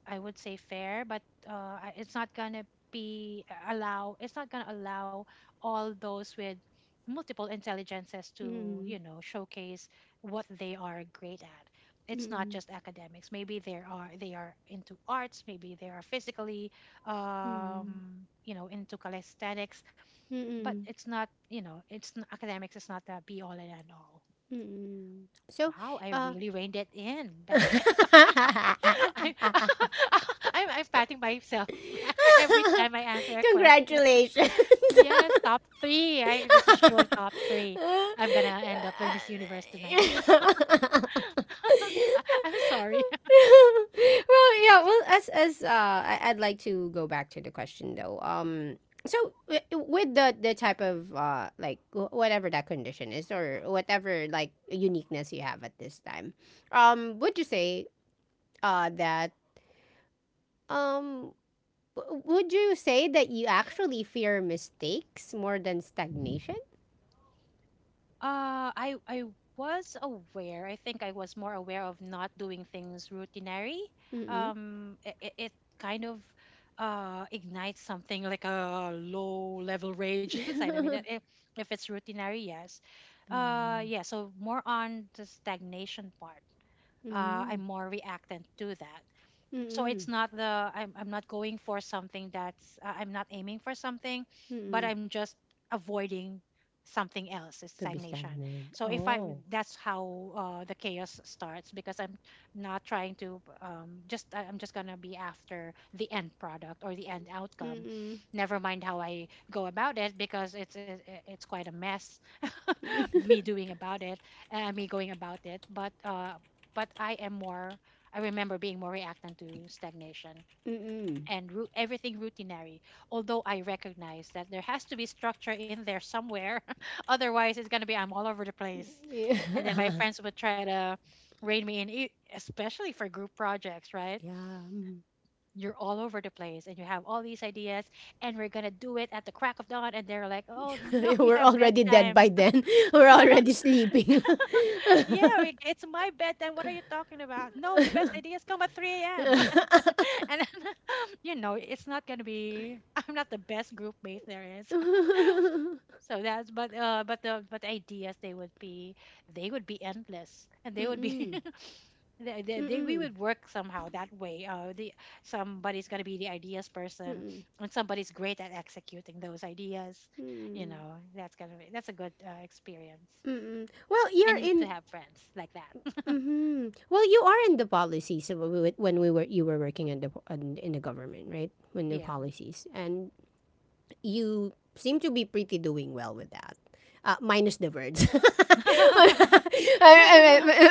Speaker 2: I would say fair, but it's not gonna be allow. It's not gonna allow all those with multiple intelligences to
Speaker 1: Mm-mm.
Speaker 2: showcase what they are great at. It's not just academics. Maybe there are they are into arts. Maybe they are physically,
Speaker 1: Mm-mm. Mm-mm.
Speaker 2: into calisthenics. But
Speaker 1: Mm-mm.
Speaker 2: it's not you know it's n- academics is not the be all and end all.
Speaker 1: Mm-mm. So,
Speaker 2: Wow, I
Speaker 1: uh,
Speaker 2: really reined it in back. I'm I'm patting myself every time I answer a question.
Speaker 1: congratulations.
Speaker 2: Yes, top three. I this is sure top three.
Speaker 1: well,
Speaker 2: I'm gonna end up with Miss Universe tonight. I'm sorry.
Speaker 1: yeah. Well, as I, I'd like to go back to the question though. So with the type of like whatever that condition is or whatever like uniqueness you have at this time, would you say that um would you say that you actually fear mistakes more than stagnation?
Speaker 2: I was aware. I think I was more aware of not doing things routinary.
Speaker 1: Mm-mm.
Speaker 2: It kind of ignites something like a low level rage inside of me. That if, if it's routinary, yes.
Speaker 1: Ah,
Speaker 2: Yeah. So more on the stagnation part. I'm
Speaker 1: mm,
Speaker 2: more reactant to that, so it's
Speaker 1: mm,
Speaker 2: not I'm not going for something that's I'm not aiming for something, but
Speaker 1: mm.
Speaker 2: I'm just avoiding something else. It's
Speaker 1: To be
Speaker 2: stagnation,
Speaker 1: stagnant.
Speaker 2: so if I'm
Speaker 1: Oh.
Speaker 2: that's how the chaos starts because I'm not trying to just I'm just gonna be after the end product or the end outcome,
Speaker 1: Mm,
Speaker 2: never mind how I go about it because it's quite a mess me doing about it me going about it, but I am more. I remember being more reactant to stagnation
Speaker 1: mm.
Speaker 2: and everything routinary, although I recognize that there has to be structure in there somewhere. Otherwise, it's going to be I'm all over the place. And then my
Speaker 1: Yeah.
Speaker 2: friends would try to rein me in, especially for group projects, right?
Speaker 1: Yeah. mm.
Speaker 2: You're all over the place and you have all these ideas, and we're going to do it at the crack of dawn. And they're like, oh no, we
Speaker 1: We're
Speaker 2: have
Speaker 1: already dead
Speaker 2: bedtimes.
Speaker 1: by then. We're already sleeping.
Speaker 2: Yeah, it's my bedtime. What are you talking about? No, the best ideas come at 3 a.m. And then, it's not gonna be I'm not the best group mate there is.
Speaker 1: Mm-mm.
Speaker 2: So that's but the ideas, they would be, they would be endless, and they would be they, they,
Speaker 1: Mm-mm.
Speaker 2: they we
Speaker 1: Mm-mm.
Speaker 2: would work somehow that way. The Somebody's gonna be the ideas person,
Speaker 1: Mm-mm.
Speaker 2: and somebody's great at executing those ideas. You know, that's gonna be that's a good experience.
Speaker 1: Mm-mm. Well,
Speaker 2: I
Speaker 1: you're
Speaker 2: need to
Speaker 1: in.
Speaker 2: have friends like that.
Speaker 1: Hmm Well, you are in the policies of- when we were- you were working in the in, the government, right? When the
Speaker 2: Yeah.
Speaker 1: policies and you seem to be pretty doing well with that. Minus the words. but,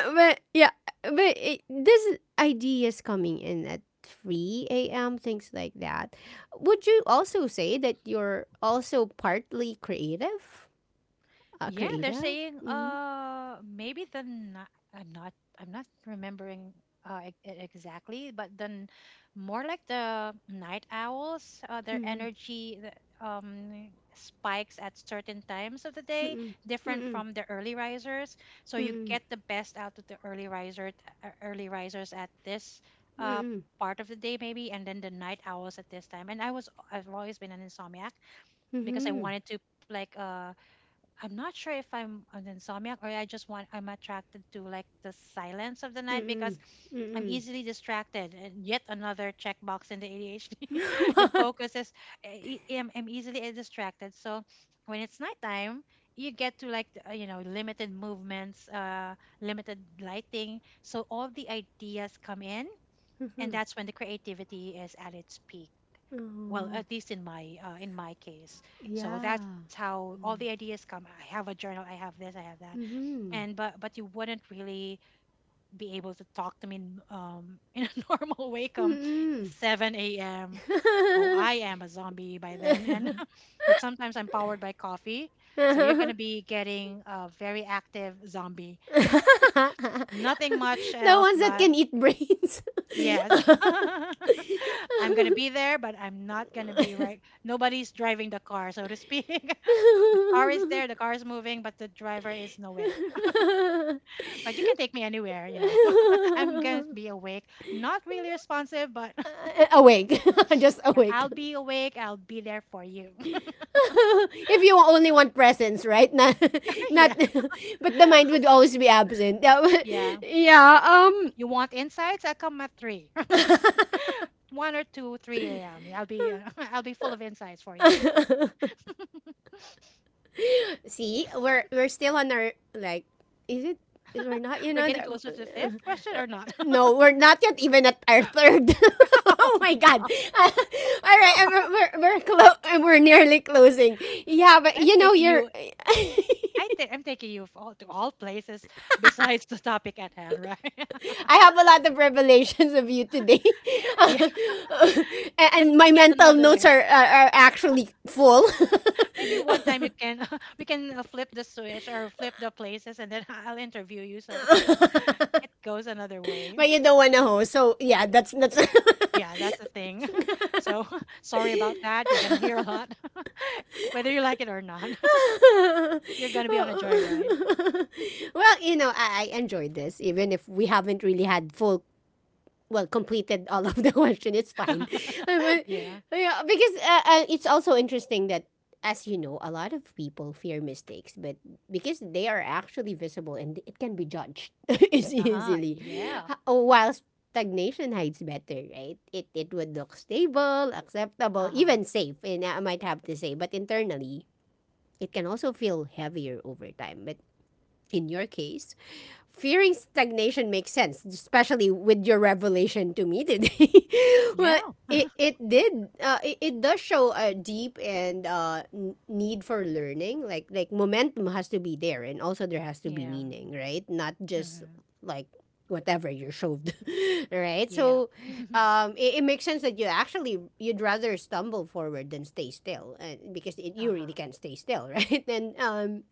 Speaker 1: yeah, but it, this ideas coming in at 3 a.m., things like that. Would you also say that you're also partly creative?
Speaker 2: Yeah, they're
Speaker 1: Creative?
Speaker 2: saying
Speaker 1: Mm-hmm.
Speaker 2: maybe the I'm not remembering exactly, but then more like the night owls, their
Speaker 1: Mm-hmm.
Speaker 2: energy spikes at certain times of the day,
Speaker 1: Mm-mm.
Speaker 2: different from the early risers. So you
Speaker 1: Mm-mm.
Speaker 2: get the best out of the early riser t- early risers at this uh
Speaker 1: Mm-mm.
Speaker 2: part of the day maybe, and then the night owls at this time. And I've always been an insomniac
Speaker 1: Mm-mm.
Speaker 2: because I
Speaker 1: Mm-hmm.
Speaker 2: wanted to like I'm not sure if I'm an insomniac or I just want I'm attracted to like the silence of the night because
Speaker 1: Mm-mm.
Speaker 2: I'm
Speaker 1: Mm-mm.
Speaker 2: easily distracted. And yet another checkbox in the ADHD. The focus is I'm easily distracted. So when it's nighttime, you get to like limited movements, limited lighting. So all the ideas come in, and
Speaker 1: Mhm.
Speaker 2: that's when the creativity is at its peak, well,
Speaker 1: Oh,
Speaker 2: at least in my case. So
Speaker 1: yeah.
Speaker 2: that's how all the
Speaker 1: Mm-hmm.
Speaker 2: ideas come. I have a journal, I have this, I have that.
Speaker 1: Mm-hmm.
Speaker 2: And but you wouldn't really be able to talk to me in a normal way come
Speaker 1: Mm-mm.
Speaker 2: 7 a.m. Oh, I am a zombie by then, and but sometimes I'm powered by coffee, so you're going to
Speaker 1: the
Speaker 2: be getting a very active zombie, nothing much else.
Speaker 1: ones that
Speaker 2: But
Speaker 1: can eat brains.
Speaker 2: yes. I'm going to be there, but I'm not going to be right. Nobody's driving the car, so to speak. Car is there, the car is moving, but the driver is nowhere. But you can take me anywhere, you know. I'm going to be awake. Not really responsive, but
Speaker 1: awake, just
Speaker 2: yeah,
Speaker 1: awake.
Speaker 2: I'll be awake. I'll be there for you.
Speaker 1: if you only want presence, right? Not,
Speaker 2: Yeah.
Speaker 1: not, but the mind would always be absent. Yeah, but-
Speaker 2: Yeah.
Speaker 1: yeah,
Speaker 2: You want insights? I come at 3. 1 or 2, 3 a.m. I'll be I'll be full of insights for you.
Speaker 1: um. See, we're still on our like, is it? We're not, you
Speaker 2: We're
Speaker 1: know.
Speaker 2: getting closer to the fifth question or not?
Speaker 1: No, we're not yet even at our third. oh my god! Uh, all right, and we're and we're nearly closing. Yeah, but
Speaker 2: I'm
Speaker 1: you know,
Speaker 2: taking
Speaker 1: you're.
Speaker 2: you I think I'm taking you to all places besides the topic at hand, right?
Speaker 1: I have a lot of revelations of you today,
Speaker 2: Yeah, let's
Speaker 1: And my
Speaker 2: make it
Speaker 1: mental
Speaker 2: another
Speaker 1: notes
Speaker 2: way.
Speaker 1: are actually full.
Speaker 2: Maybe one time you can we can flip the switch or flip the places, and then I'll interview you. So it goes another way.
Speaker 1: but you don't want to host, so yeah, that's that's.
Speaker 2: Yeah, that's the thing. So sorry about that. You're gonna hear a lot, whether you like it or not. You're gonna be on a joyride.
Speaker 1: well, you know, I enjoyed this, even if we haven't really had full, well, completed all of the question. It's fine, But,
Speaker 2: Yeah.
Speaker 1: yeah, because it's also interesting that, as you know, a lot of people fear mistakes, but because they are actually visible and it can be judged
Speaker 2: Uh huh.
Speaker 1: easily,
Speaker 2: Yeah.
Speaker 1: While stagnation hides better, right? It would look stable, acceptable,
Speaker 2: Uh huh.
Speaker 1: even safe, and I might have to say, but internally it can also feel heavier over time. But in your case, fearing stagnation makes sense, especially with your revelation to me today.
Speaker 2: Yeah.
Speaker 1: well, it did it does show a deep and need for learning, like momentum has to be there, and also there has to be
Speaker 2: Yeah.
Speaker 1: meaning, right? Not just
Speaker 2: Mm-hmm.
Speaker 1: like whatever you're shoved, right?
Speaker 2: Yeah.
Speaker 1: So it, it makes sense that you actually you'd rather stumble forward than stay still, and because it,
Speaker 2: Uh
Speaker 1: you really
Speaker 2: huh.
Speaker 1: can't stay still, right? And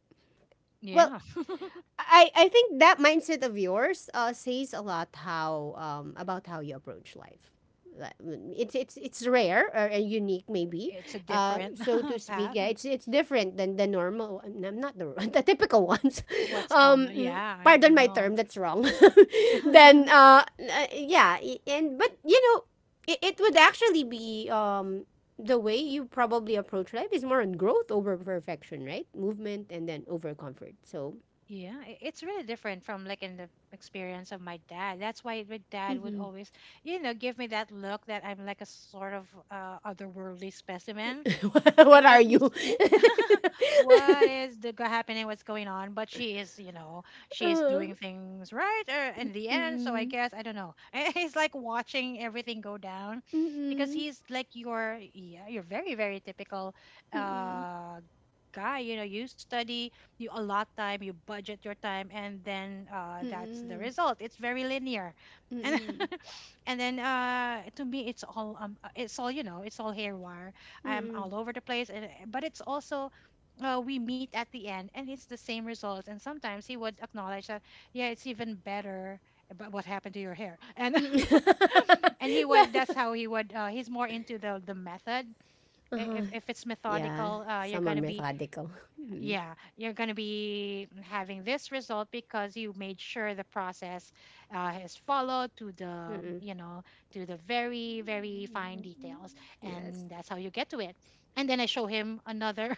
Speaker 1: well
Speaker 2: Yeah.
Speaker 1: I think that mindset of yours says a lot, how about how you approach life. Like, mm, it's it's rare or unique maybe,
Speaker 2: It's a different
Speaker 1: so to speak.
Speaker 2: path.
Speaker 1: Yeah, it's different than the normal. I'm not the the typical ones.
Speaker 2: What's common? Yeah,
Speaker 1: Mm,
Speaker 2: I
Speaker 1: pardon my term,
Speaker 2: know.
Speaker 1: that's wrong. then yeah, and but you know, it would actually be the way you probably approach life is more on growth over perfection, right? Movement and then over comfort. So.
Speaker 2: Yeah, it's really different from like in the experience of my dad. That's why my dad would always, give me that look that I'm like a sort of otherworldly specimen
Speaker 1: what are
Speaker 2: because he's
Speaker 1: you?
Speaker 2: what is the go- happening what's going on? But she is
Speaker 1: uh,
Speaker 2: doing things right in the end, so I
Speaker 1: mm-mm,
Speaker 2: guess I don't know. And he's like watching everything go down because
Speaker 1: mm-mm,
Speaker 2: he's like, your, yeah, you're very very typical
Speaker 1: mm-mm,
Speaker 2: uh guy, you know. You study, you budget your time, and then that's the
Speaker 1: mm-mm,
Speaker 2: result. It's very linear. And
Speaker 1: mm-mm,
Speaker 2: and then to me it's all you know it's all hair.
Speaker 1: mm-mm,
Speaker 2: I'm
Speaker 1: mm-mm.
Speaker 2: all over the place. And, but it's also, we meet at the end and it's the same results. And sometimes he would acknowledge that, yeah, it's even better. But what happened to your hair? And and he would. That's how he would. He's more into the method. I-
Speaker 1: uh-huh.
Speaker 2: If if it's
Speaker 1: Yeah,
Speaker 2: methodical, you're
Speaker 1: someone
Speaker 2: gonna be,
Speaker 1: methodical. Mm-mm,
Speaker 2: yeah, you're going to be having this result because you made sure the process is followed to the, you know, to the very very fine
Speaker 1: mm-mm.
Speaker 2: details,
Speaker 1: Yes.
Speaker 2: and that's how you get to it. And then I show him another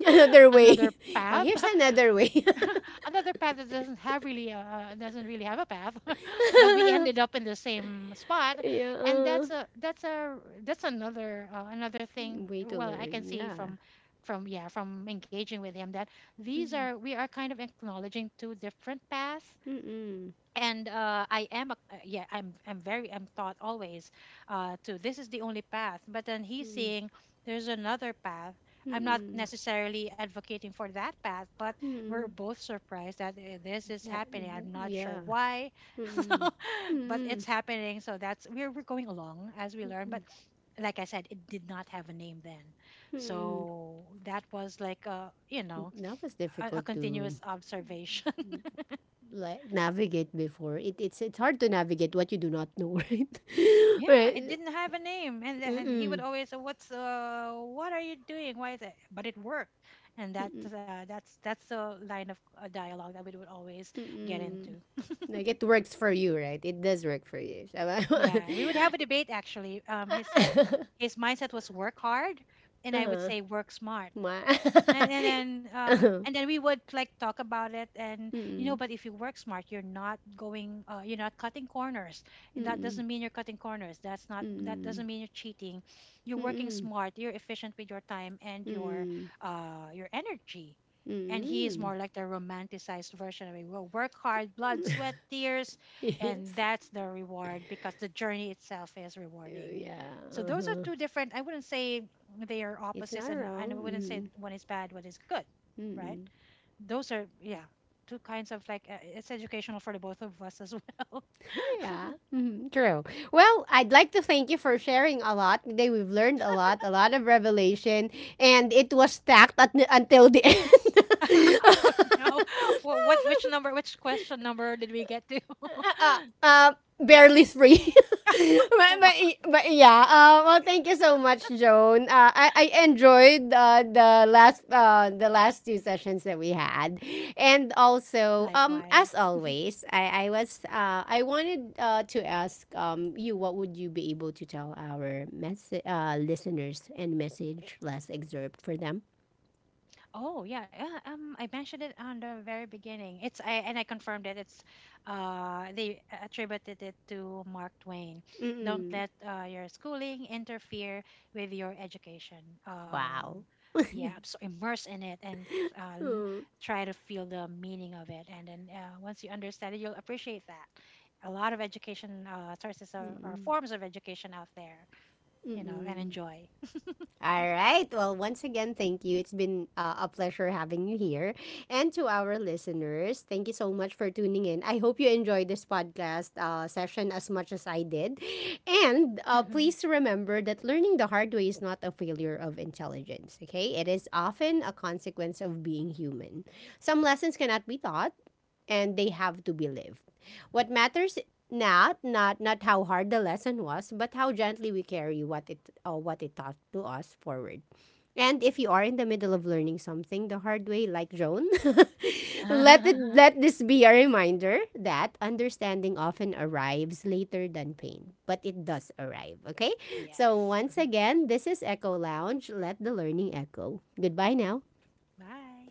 Speaker 1: Another
Speaker 2: another
Speaker 1: way. Oh,
Speaker 2: path,
Speaker 1: here's another way.
Speaker 2: another path that doesn't have really, uh, doesn't really have a path, but we ended up in the same spot.
Speaker 1: yeah.
Speaker 2: And that's a, that's a, that's another another thing.
Speaker 1: Way to
Speaker 2: Well, I can
Speaker 1: learn.
Speaker 2: see
Speaker 1: Yeah.
Speaker 2: from yeah, from engaging with him that these
Speaker 1: Mm-mm.
Speaker 2: are, we are kind of acknowledging two different paths.
Speaker 1: Mm-mm.
Speaker 2: And I am a, yeah, I'm taught always, to this is the only path. But then he's seeing there's another path. I'm not
Speaker 1: Mm-mm.
Speaker 2: necessarily advocating for that path, but we're
Speaker 1: Mm-mm.
Speaker 2: both surprised that this is happening. I'm not
Speaker 1: Yeah.
Speaker 2: sure why,
Speaker 1: Mm,
Speaker 2: but
Speaker 1: mm,
Speaker 2: it's happening. So that's, we're going along as we learn.
Speaker 1: mm,
Speaker 2: But like I said, it did not have a name then,
Speaker 1: mm.
Speaker 2: so that was like, a you know,
Speaker 1: That was
Speaker 2: a
Speaker 1: difficult to
Speaker 2: continuous observation.
Speaker 1: like navigate before. It it's hard to navigate what you do not know, right?
Speaker 2: Yeah, it
Speaker 1: right.
Speaker 2: didn't have a name, and and he would
Speaker 1: Mm,
Speaker 2: always say, "What's, what are you doing? Why is it?" But it worked, and
Speaker 1: mm,
Speaker 2: that's, that's the line of, dialogue that we would always get
Speaker 1: mm.
Speaker 2: into.
Speaker 1: Like it works for you, right? It does work for you. Tama?
Speaker 2: Yeah, we would have a debate actually. He said his mindset was work hard, and I would
Speaker 1: uh-huh.
Speaker 2: say work smart.
Speaker 1: Ma.
Speaker 2: and and then um
Speaker 1: uh-huh.
Speaker 2: and then we would like talk about it, and
Speaker 1: Mm,
Speaker 2: but if you work smart, you're not cutting corners, and that
Speaker 1: mm,
Speaker 2: doesn't mean you're cutting corners. That's not, that
Speaker 1: mm,
Speaker 2: doesn't mean you're cheating. You're working
Speaker 1: mm,
Speaker 2: smart. You're efficient with your time and
Speaker 1: mm,
Speaker 2: your energy. And he is more
Speaker 1: mm.
Speaker 2: like the romanticized version of it. We will work hard, blood, sweat, tears,
Speaker 1: Yes.
Speaker 2: and that's the reward, because the journey itself is rewarding.
Speaker 1: Yeah.
Speaker 2: So those are
Speaker 1: Uh-huh.
Speaker 2: two different. I wouldn't say they are
Speaker 1: It's not
Speaker 2: opposites, and I
Speaker 1: wrong.
Speaker 2: wouldn't say
Speaker 1: Mm-hmm.
Speaker 2: one is bad, one is good, right?
Speaker 1: Mm-hmm.
Speaker 2: Those are, yeah, two kinds of like, it's educational for the both of us as well.
Speaker 1: yeah. Mm-hmm. True. Well, I'd like to thank you for sharing a lot. Today we've learned a lot of revelation, and it was stacked at, until the end.
Speaker 2: Oh no, which question number did we get to?
Speaker 1: uh, uh, barely free. but, but, but yeah, well, thank you so much, Joan. I enjoyed the last two sessions that we had, and also
Speaker 2: Likewise.
Speaker 1: as always, I was I wanted to ask you, what would you be able to tell our listeners and message less excerpt for them.
Speaker 2: Oh yeah, yeah. I mentioned it on the very beginning. It's I and I confirmed that it's, they attributed it to Mark Twain. Don't
Speaker 1: Mm-mm.
Speaker 2: let your schooling interfere with your education.
Speaker 1: Wow.
Speaker 2: Yeah, immerse in it and
Speaker 1: Mm-mm.
Speaker 2: try to feel the meaning of it. And then once you understand it, you'll appreciate that a lot of education sources, or forms of education out there, you know, and
Speaker 1: Mm-mm.
Speaker 2: enjoy.
Speaker 1: All right. Well, once again, thank you. It's been a pleasure having you here. And to our listeners, thank you so much for tuning in. I hope you enjoyed this podcast session as much as I did. And please remember that learning the hard way is not a failure of intelligence, okay? It is often a consequence of being human. Some lessons cannot be taught and they have to be lived. What matters not not not how hard the lesson was, but how gently we carry what it taught to us forward. And if you are in the middle of learning something the hard way, like Joan, let this be a reminder that understanding often arrives later than pain, but it does arrive. Okay, so
Speaker 2: Yes.
Speaker 1: once again, this is Echo Lounge. Let the learning echo. Goodbye now.
Speaker 2: Bye.